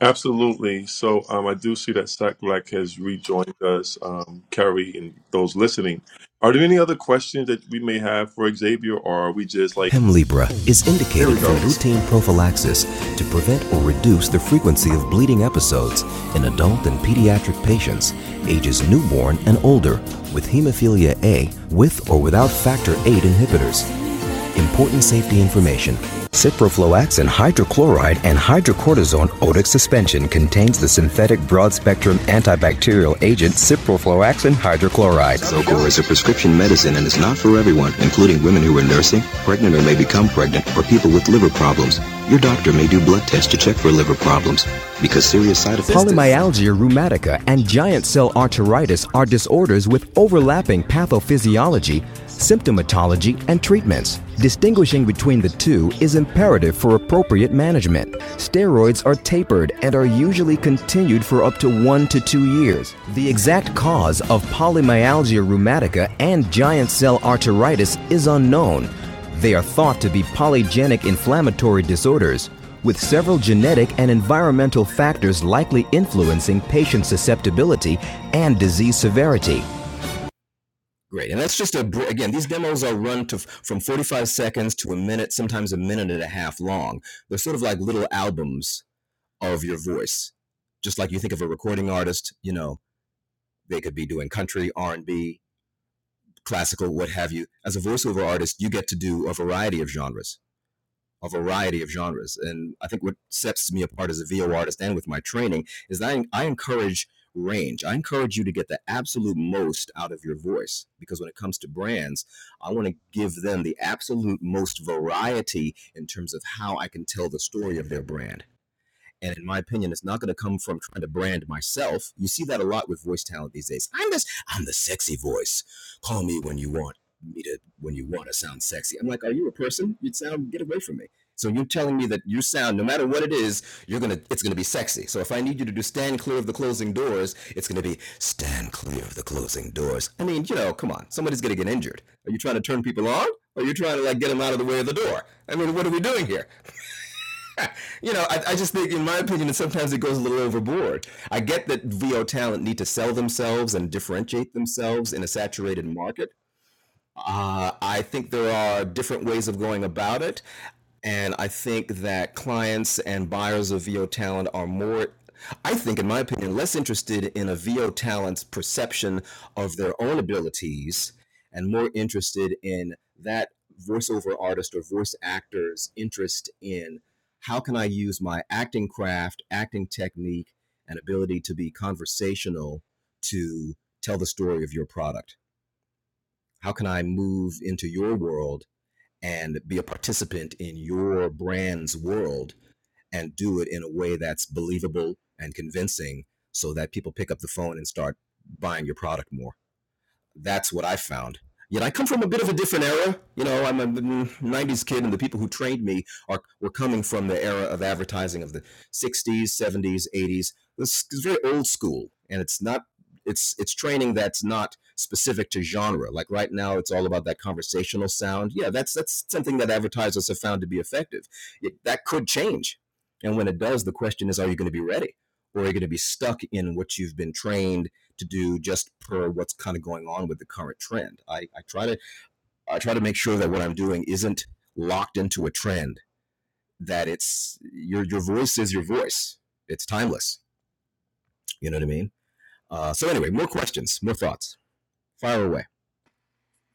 Speaker 3: Absolutely. So um, I do see that Stack Black has rejoined us, um, Carrie, and those listening. Are there any other questions that we may have for Xavier, or are we just like, there we go?
Speaker 7: Episodes. After hydrochloride and hydrocortisone otic suspension contains the synthetic broad-spectrum antibacterial agent ciprofloxacin hydrochloride. Zocor is a prescription medicine and is not for everyone, including women who are nursing, pregnant or may become pregnant, or people with liver problems. Your doctor may do blood tests to check for liver problems because serious side effects. Polymyalgia rheumatica and giant cell arteritis are disorders with overlapping pathophysiology, symptomatology, and Treatments. Distinguishing between the two is imperative for appropriate management. Steroids are tapered and are usually continued for up to one to two years. The exact cause of polymyalgia rheumatica and giant cell arteritis is unknown. They are thought to be polygenic inflammatory disorders, with several genetic and environmental factors likely influencing patient susceptibility and disease severity.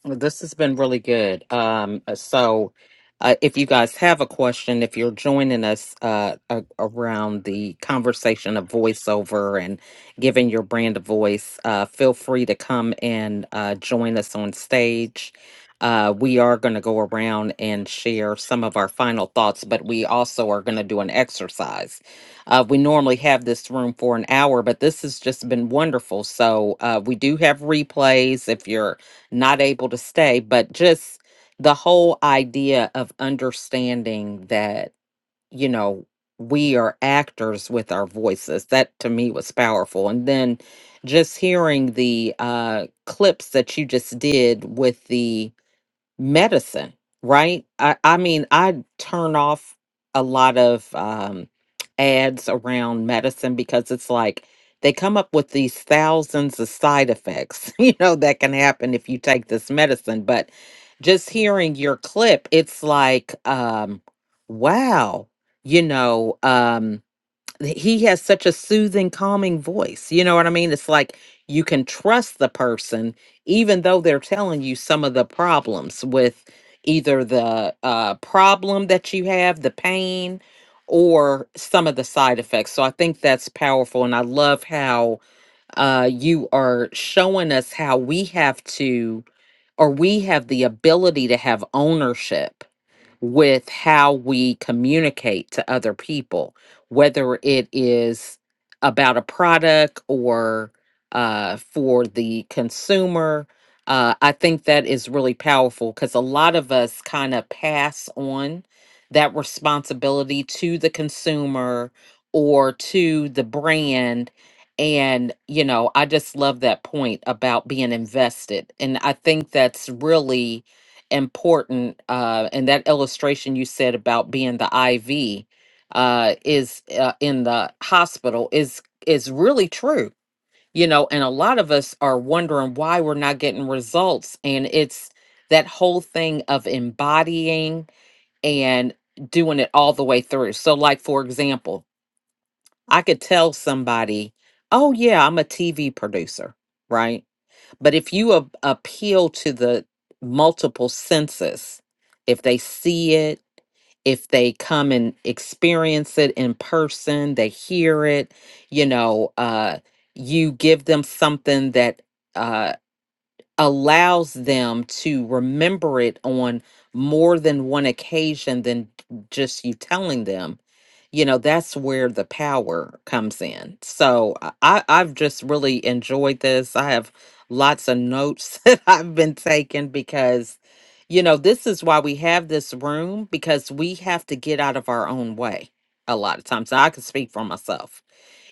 Speaker 1: Well, This has been really good. Um, uh, so, uh, if you guys have a question, if you're joining us uh, a- around the conversation of voiceover and giving your brand a voice, uh, feel free to come and uh, join us on stage. Uh, we are going to go around and share some of our final thoughts, but we also are going to do an exercise. Uh, we normally have this room for an hour, but this has just been wonderful. So, uh, we do have replays if you're not able to stay, but just the whole idea of understanding that, you know, we are actors with our voices. That to me was powerful. And then just hearing the uh, clips that you just did with the medicine, right? I, I mean, I turn off a lot of um, ads around medicine because it's like they come up with these thousands of side effects, you know, that can happen if you take this medicine. But just hearing your clip, it's like, um, wow, you know. Um, he has such a soothing calming voice you know what i mean it's like you can trust the person even though they're telling you some of the problems with either the uh, problem that you have the pain or some of the side effects so i think that's powerful and i love how uh, you are showing us how we have to or we have the ability to have ownership with how we communicate to other people, whether it is about a product or uh, for the consumer. Uh, I think that is really powerful because a lot of us kind of pass on that responsibility to the consumer or to the brand. And, you know, I just love that point about being invested. And I think that's really important uh and that illustration you said about being the IV uh is uh, in the hospital is is really true you know and a lot of us are wondering why we're not getting results and it's that whole thing of embodying and doing it all the way through so like for example I could tell somebody oh yeah I'm a TV producer right but if you a- appeal to the multiple senses, if they see it, if they come and experience it in person, they hear it, you know, uh, you give them something that uh, allows them to remember it on more than one occasion than just you telling them you know that's where the power comes in so i I- i've just really enjoyed this i have lots of notes that i've been taking because you know this is why we have this room because we have to get out of our own way a lot of times Now, i can speak for myself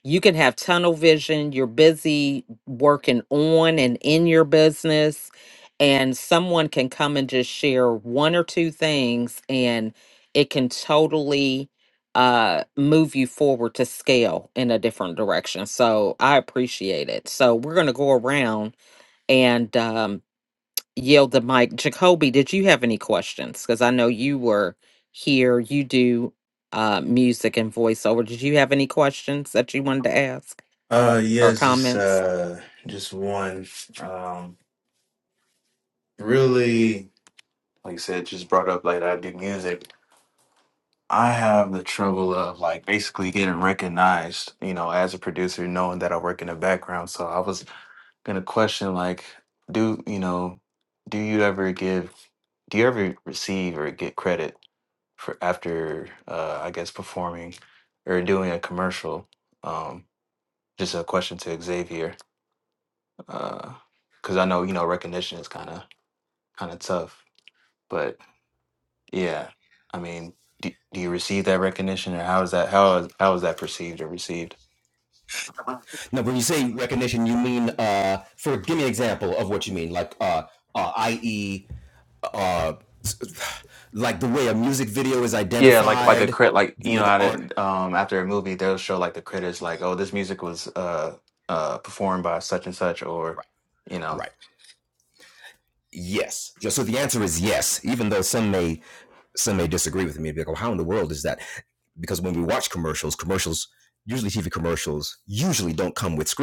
Speaker 1: you can have tunnel vision you're busy working on and in your business and someone can come and just share one or two things and it can totally uh move you forward to scale in a different direction so i appreciate it so we're going to go around and um yield the mic jacoby did you have any questions because i know you were here you do uh music and voiceover did you have any questions that you wanted to ask
Speaker 6: Uh,
Speaker 1: or
Speaker 6: yes, just
Speaker 1: comments?
Speaker 6: uh, just one. Um, really, like I said, just brought up like I do music. I have the trouble of like basically getting recognized, you know, as a producer, knowing that I work in the background. So I was gonna question like, do you know, do you ever give, do you ever receive or get credit for after, uh, I guess performing or doing a commercial? Um, just a question to Xavier. because I know you know recognition is kind of kind of tough. But yeah, I mean, do, do you receive that recognition, or how is that how is how is that perceived or received? Yeah, like like a crit, like you know, how did um after a movie they'll show like the critics like, oh, this music was uh uh performed by such and such, or Right. you know,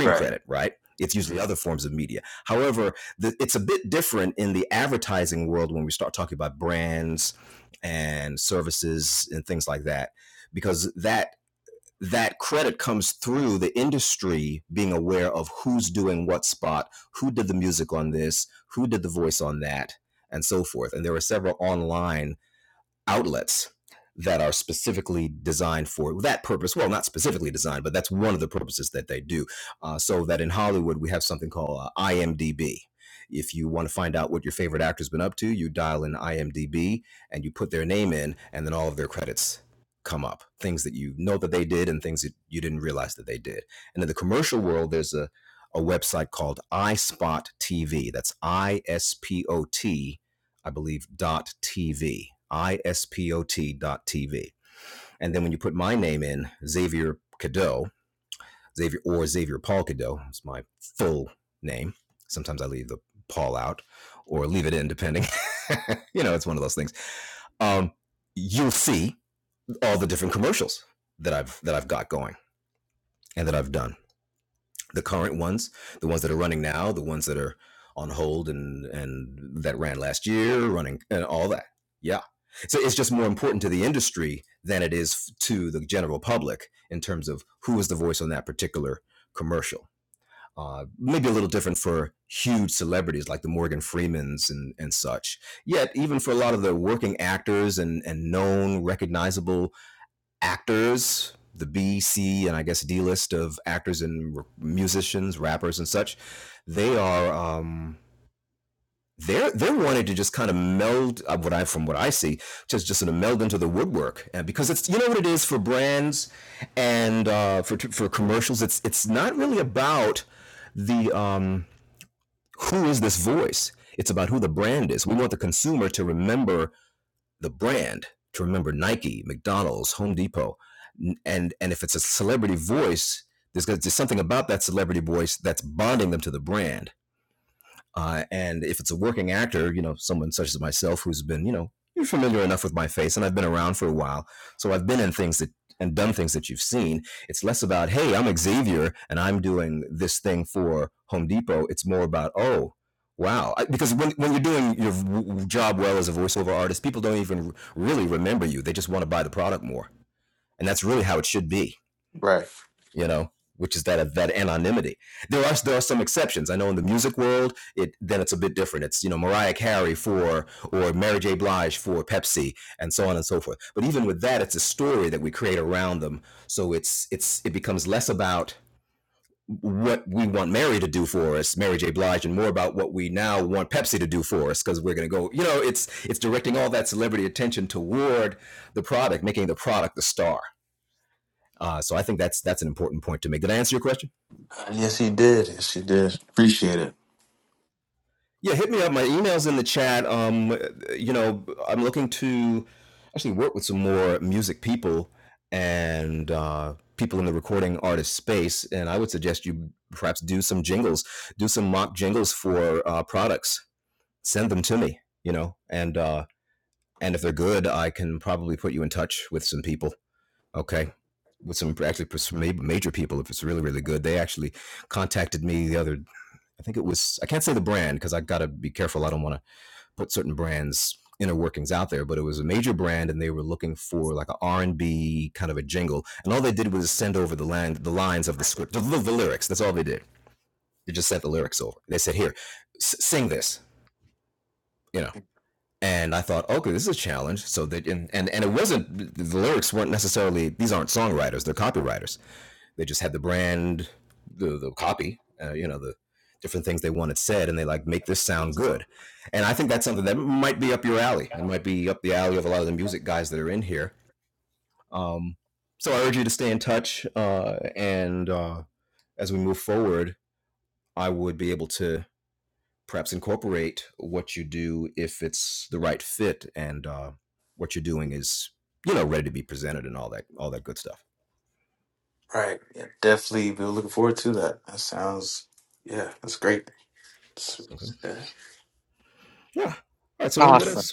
Speaker 6: right, right. Uh, Yes, he did. Yes, he did. Appreciate it. Right. Yeah, definitely. We were looking forward to that. That sounds. Yeah, that's great.
Speaker 1: Awesome.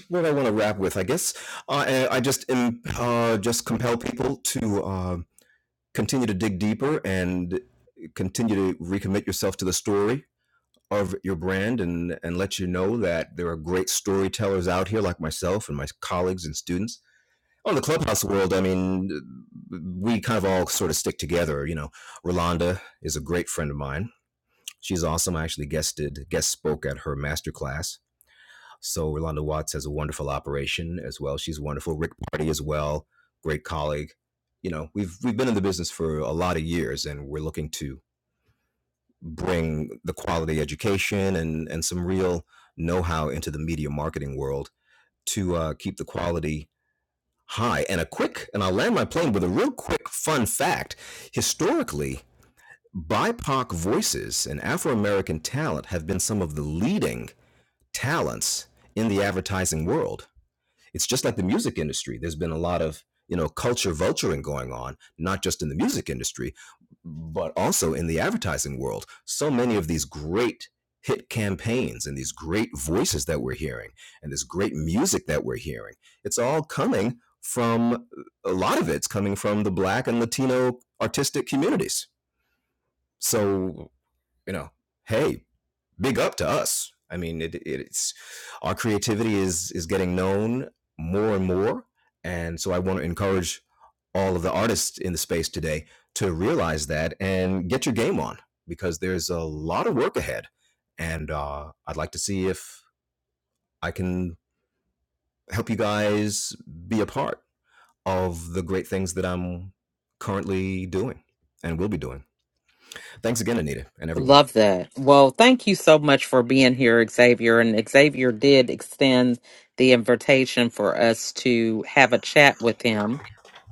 Speaker 1: Love that. Well, thank you so much for being here, Xavier. And Xavier did extend the invitation for us to have a chat with him.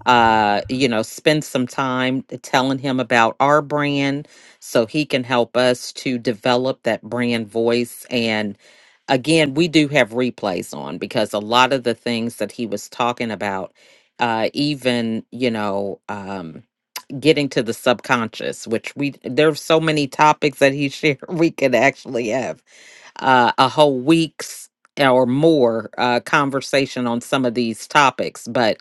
Speaker 1: Uh, you know, spend some time telling him about our brand so he can help us to develop that brand voice and again, we do have replays on because a lot of the things that he was talking about, uh, even you know, um, getting to the subconscious, which we there's so many topics that he shared we could actually have uh, a whole week's eh, or more uh, conversation on some of these topics, but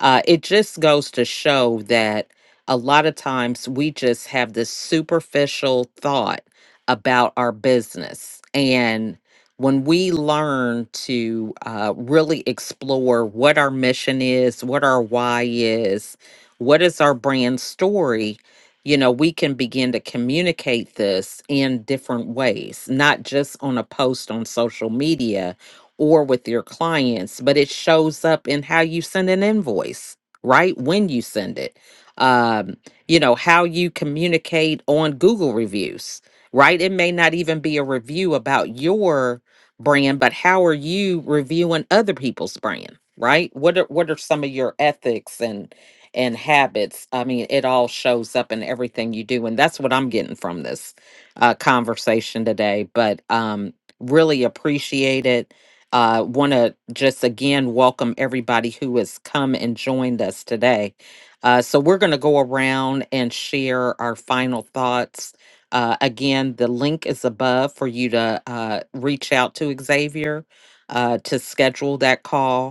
Speaker 1: uh, it just goes to show that a lot of times we just have this superficial thought about our business. And when we learn to uh, really explore what our mission is, what our why is, what is our brand story, you know, we can begin to communicate this in different ways, not just on a post on social media or with your clients, but it shows up in how you send an invoice, right? When you send it, um, you know, how you communicate on Google reviews, right? It may not even be a review about your brand, but how are you reviewing other people's brand? Right? What are what are some of your ethics and? and habits. I mean, it all shows up in everything you do. And that's what I'm getting from this uh, conversation today. But um, really appreciate it. Uh, Want to just again welcome everybody who has come and joined us today. Uh, so, we're going to go around and share our final thoughts. Uh, again, the link is above for you to uh, reach out to Xavier uh, to schedule that call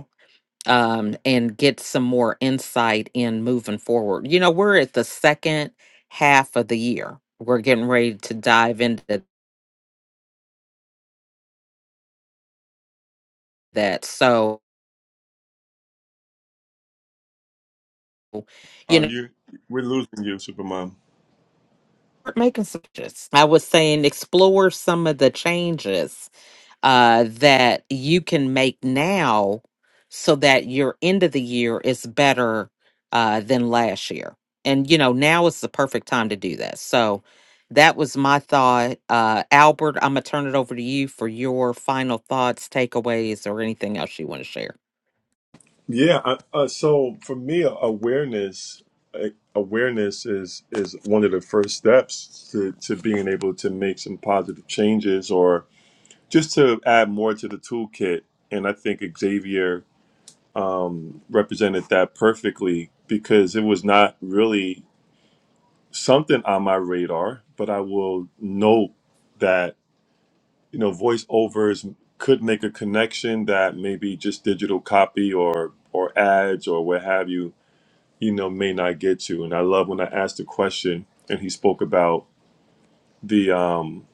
Speaker 1: um, and get some more insight in moving forward. You know, we're at the second half of the year. We're getting ready to dive into that. So, you
Speaker 3: Um,
Speaker 1: know,
Speaker 3: you, we're losing you, Supermom.
Speaker 1: we making some changes. I was saying explore some of the changes uh, that you can make now so that your end of the year is better uh, than last year. And, you know, now is the perfect time to do that. So that was my thought. Uh, Albert, I'm going to turn it over to you for your final thoughts, takeaways, or anything else you want to share.
Speaker 3: Yeah. I, uh, so for me, awareness uh, awareness is is one of the first steps to to being able to make some positive changes or just to add more to the toolkit. And I think Xavier um, represented that perfectly because it was not really something on my radar, but I will note that. you know voiceovers could make a connection that maybe just digital copy or or ads or what have you you know may not get to and i love when i asked the question and he spoke about the um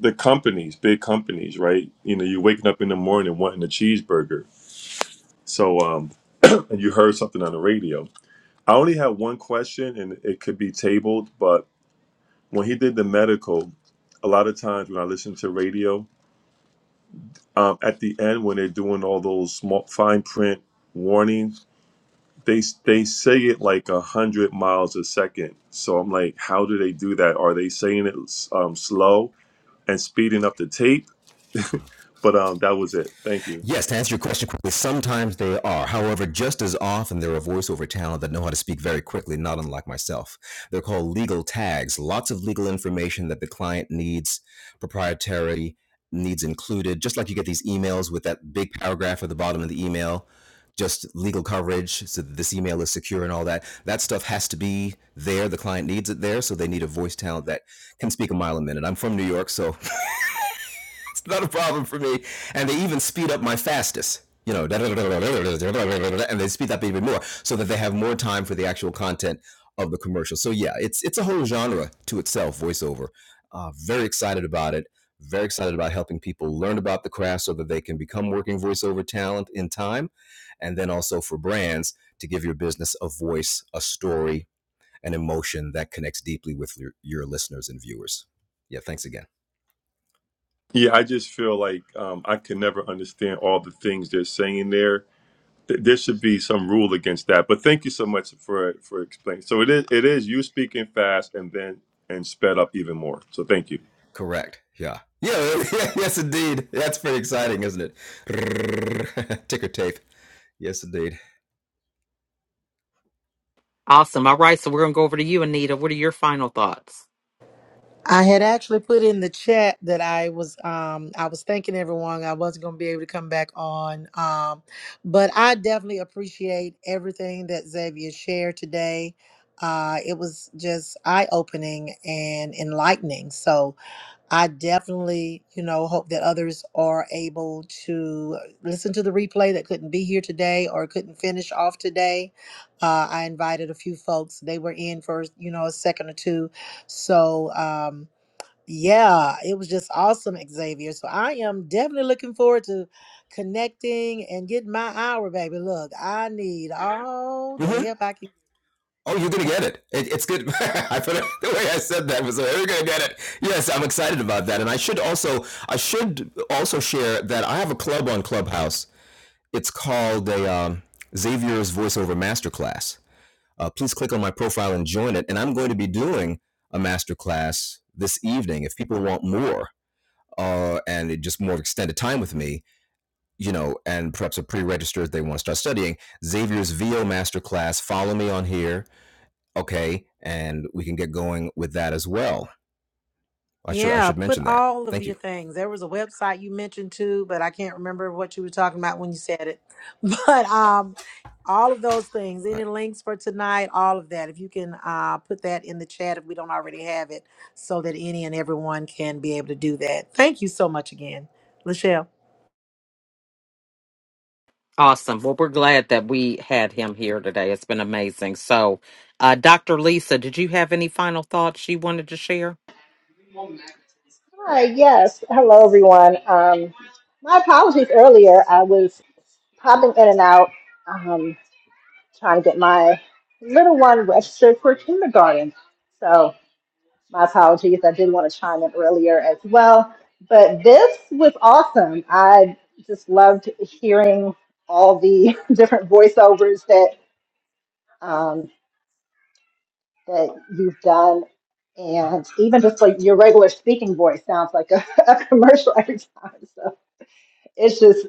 Speaker 3: the companies big companies right you know you're waking up in the morning wanting a cheeseburger so um and you heard something on the radio i only have one question and it could be tabled but when he did the medical a lot of times when i listen to radio um, at the end when they're doing all those small fine print warnings they they say it like a hundred miles a second so i'm like how do they do that are they saying it um, slow and speeding up the tape but um that was it thank you yeah i just feel like um, i can never understand all the things they're saying there Th- there should be some rule against that but thank you so much for for explaining so it is it is you speaking fast and then and sped up even more so thank you
Speaker 1: Awesome. All right. So we're going to go over to you, Anita. What are your final thoughts?
Speaker 2: I had actually put in the chat that I was um I was thanking everyone I wasn't going to be able to come back on um but I definitely appreciate everything that Xavier shared today. Uh it was just eye-opening and enlightening. So I definitely, you know, hope that others are able to listen to the replay that couldn't be here today or couldn't finish off today. Uh, I invited a few folks; they were in for you know a second or two. So um, yeah, it was just awesome, Xavier. So I am definitely looking forward to connecting and getting my hour, baby. Look, I need all the help I can. Yeah, put all of your things. There was a website you mentioned too, but I can't remember what you were talking about when you said it. But um all of those things, any links for tonight, all of that. If you can uh put that in the chat if we don't already have it, so that any and everyone can be able to do that. Thank you so much again. Lachelle.
Speaker 1: Awesome. Well, we're glad that we had him here today. It's been amazing. So, uh, Dr. Lisa, did you have any final thoughts you wanted to share?
Speaker 10: Hi, yes. Hello, everyone. Um, my apologies earlier. I was popping in and out um, trying to get my little one registered for kindergarten. So, my apologies. I did want to chime in earlier as well. But this was awesome. I just loved hearing all the different voiceovers that um, that you've done. And even just like your regular speaking voice sounds like a, a commercial every time. So it's just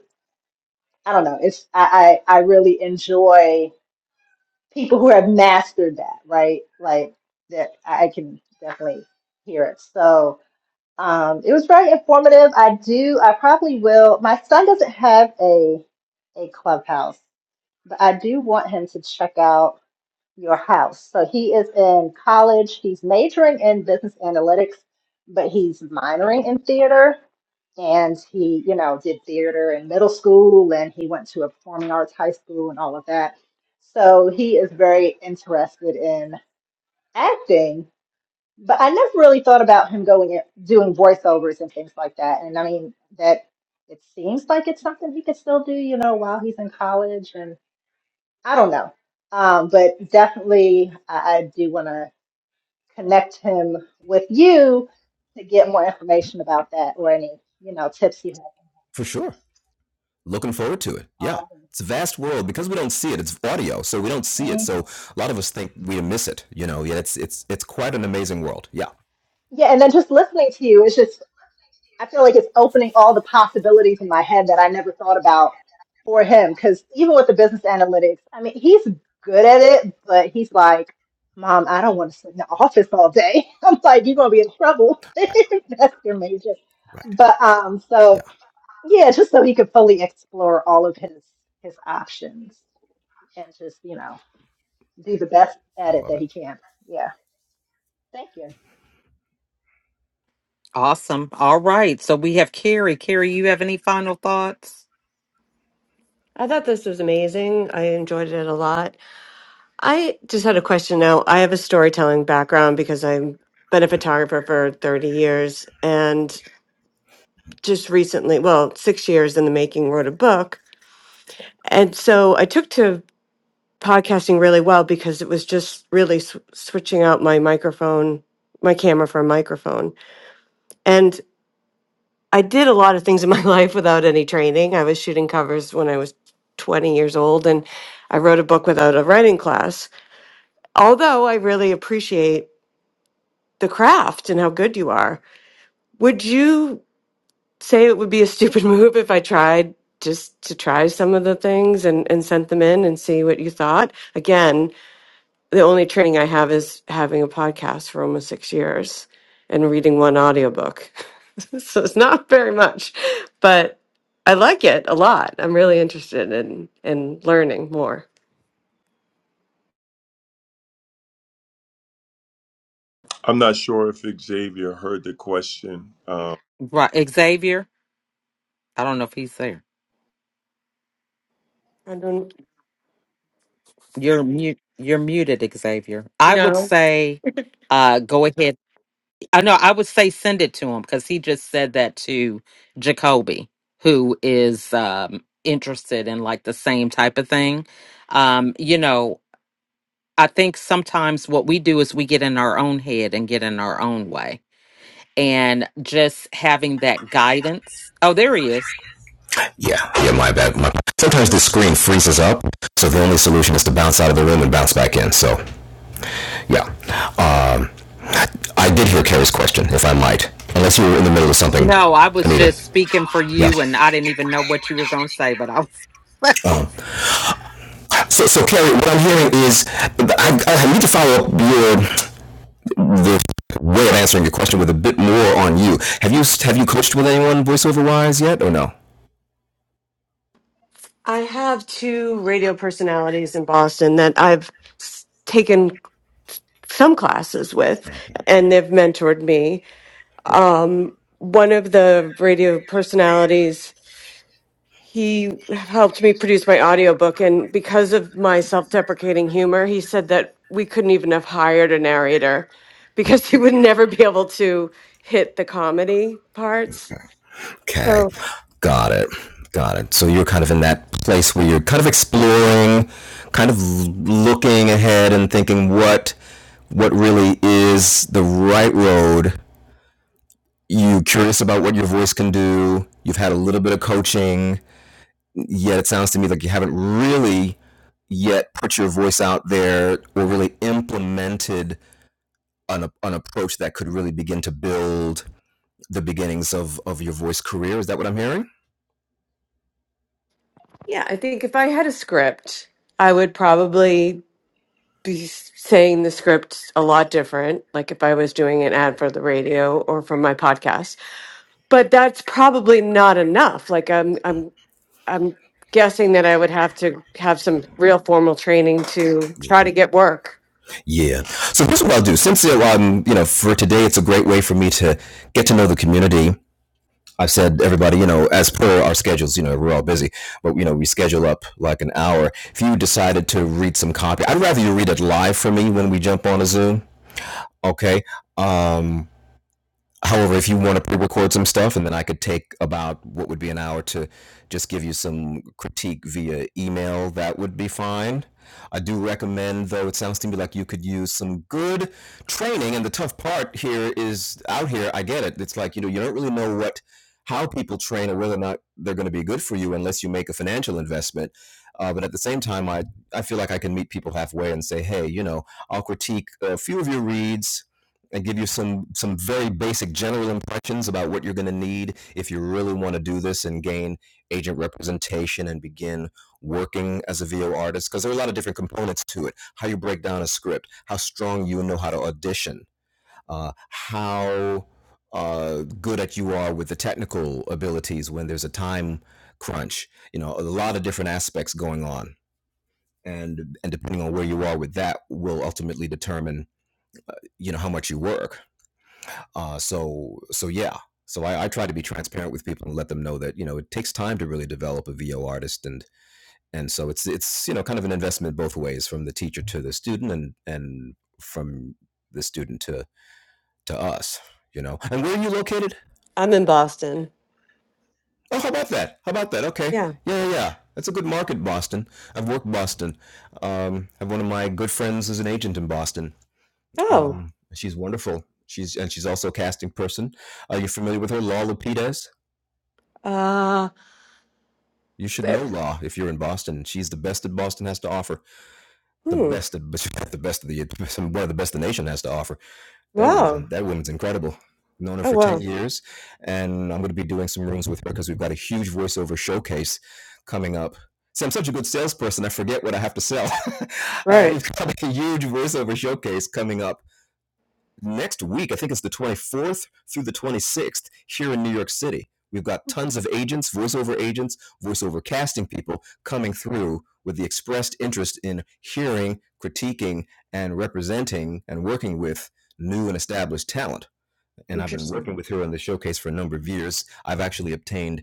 Speaker 10: I don't know. It's I, I I really enjoy people who have mastered that, right? Like that I can definitely hear it. So um, it was very informative. I do. I probably will. My son doesn't have a a clubhouse, but I do want him to check out your house. So he is in college. He's majoring in business analytics, but he's minoring in theater and he, you know, did theater in middle school and he went to a performing arts high school and all of that. So he is very interested in acting, but I never really thought about him going in- doing voiceovers and things like that. And I mean, that it seems like it's something he could still do, you know, while he's in college and I don't know. Um, but definitely I, I do want to connect him with you to get more information about that or any, you know, tips you have. Mm. Yeah, and then just listening to you is just, I feel like it's opening all the possibilities in my head that I never thought about for him. Because even with the business analytics, I mean, he's good at it, but he's like, Mom, I don't want to sit in the office all day. I'm like, you're going to be in trouble. That's your major. But um, so yeah, just so he could fully explore all of his his options and just, you know, do the best
Speaker 7: I
Speaker 10: at it
Speaker 7: love
Speaker 10: that
Speaker 7: it.
Speaker 10: he can. Yeah. Thank you.
Speaker 1: Awesome. All right. So we have Carrie. Carrie, you have any final thoughts?
Speaker 9: i thought this was amazing i enjoyed it a lot i just had a question now i have a storytelling background because i've been a photographer for 30 years and just recently well six years in the making wrote a book and so i took to podcasting really well because it was just really sw- switching out my microphone, my camera for a microphone. And I did a lot of things in my life without any training. I was shooting covers when I was 20 years old and I wrote a book without a writing class. Although I really appreciate the craft and how good you are. Would you say it would be a stupid move if I tried just to try some of the things and, and sent them in and see what you thought? Again, the only training I have is having a podcast for almost six years and reading one audiobook. so it's not very much, but I like it a lot. I'm really interested in in learning more.
Speaker 3: I'm not sure if Xavier heard the question. Um,
Speaker 1: Right. Xavier, I don't know if he's there.
Speaker 9: I don't
Speaker 1: You're mute. You're muted, Xavier. I would
Speaker 9: know.
Speaker 1: say, uh, go ahead. I know I would say send it to him because he just said that to Jacoby, who is um, interested in like the same type of thing. Um, you know, I think sometimes what we do is we get in our own head and get in our own way. And just having that guidance. Oh, there he is. No, I was just speaking for you and I didn't even know what you were going to say, but I was
Speaker 9: I have two radio personalities in Boston that I've s- taken some classes with, and they've mentored me. Um, one of the radio personalities he helped me produce my audiobook and because of my self-deprecating humor he said that we couldn't even have hired a narrator because he would never be able to hit the comedy parts so yeah i think if i had a script i would probably be s- saying the script a lot different like if i was doing an ad for the radio or for my podcast but that's probably not enough like i'm, I'm I'm guessing that I would have to have some real formal training to try to get work. I'm in Boston. Yeah. Oh. Uh eh, hmm. Wow. Oh wow. Right. Interesting.
Speaker 7: In the showcase for a number of years, I've actually obtained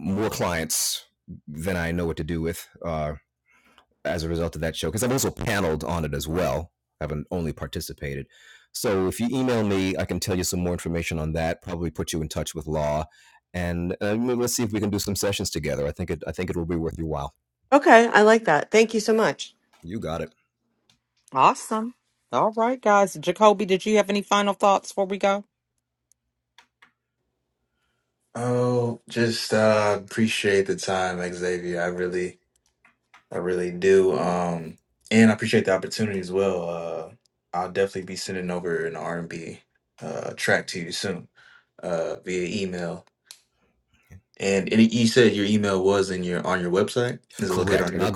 Speaker 7: more clients than I know what to do with uh, as a result of that show because I've also paneled on it as well. I haven't only participated. So if you email me, I can tell you some more information on that. Probably put you in touch with Law, and uh, let's see if we can do some sessions together. I think it. I think it will be worth your while.
Speaker 9: Okay, I like that. Thank you so much.
Speaker 7: You got it,
Speaker 1: awesome. All right, guys. Jacoby, did you have any final thoughts before we go?
Speaker 6: Oh, just uh appreciate the time, Xavier. I really I really do. Um and I appreciate the opportunity as well. Uh I'll definitely be sending over an R and B uh track to you soon, uh via email. And, and you said your email was in your on your website? Is it located on your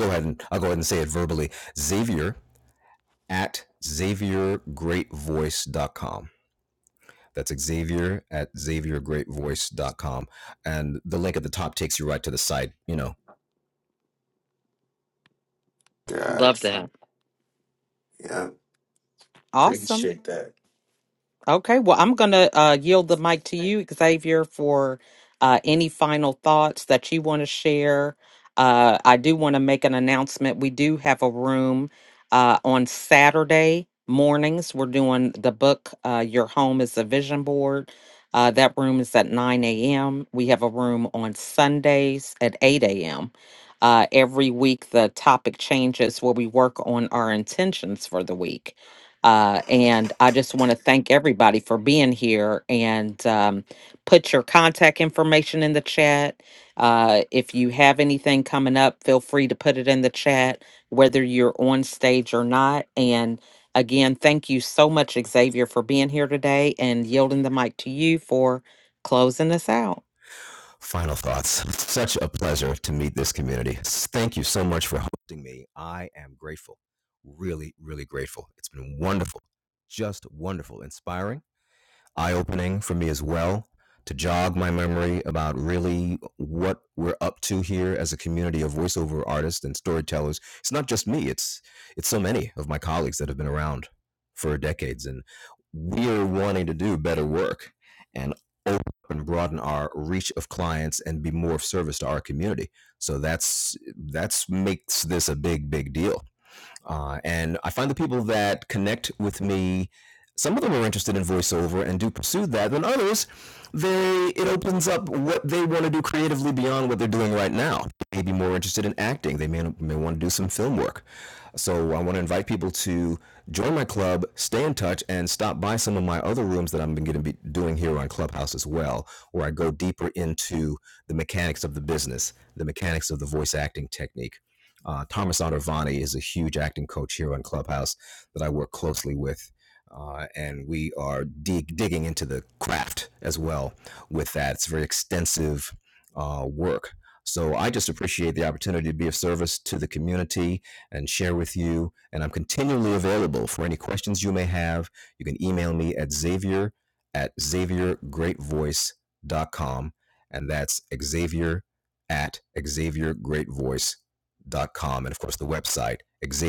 Speaker 1: Love
Speaker 6: Gotcha.
Speaker 1: that.
Speaker 6: Yeah.
Speaker 1: Awesome.
Speaker 6: appreciate that.
Speaker 1: Okay, well, I'm going to uh, yield the mic to you, Xavier, for uh, any final thoughts that you want to share. Uh, I do want to make an announcement. We do have a room uh, on Saturday mornings. We're doing the book, uh, Your Home is a Vision Board. Uh, that room is at 9 a.m. We have a room on Sundays at 8 a.m. Uh, every week, the topic changes where we work on our intentions for the week. Uh, and I just want to thank everybody for being here and um, put your contact information in the chat. Uh, if you have anything coming up, feel free to put it in the chat, whether you're on stage or not. And again, thank you so much, Xavier, for being here today and yielding the mic to you for closing us out.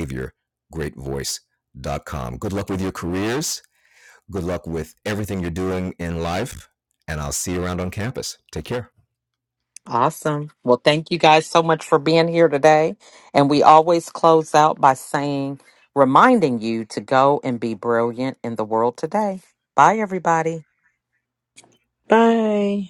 Speaker 7: Xavier.
Speaker 1: Awesome. Well, thank you guys so much for being here today. And we always close out by saying, reminding you to go and be brilliant in the world today. Bye, everybody.
Speaker 2: Bye.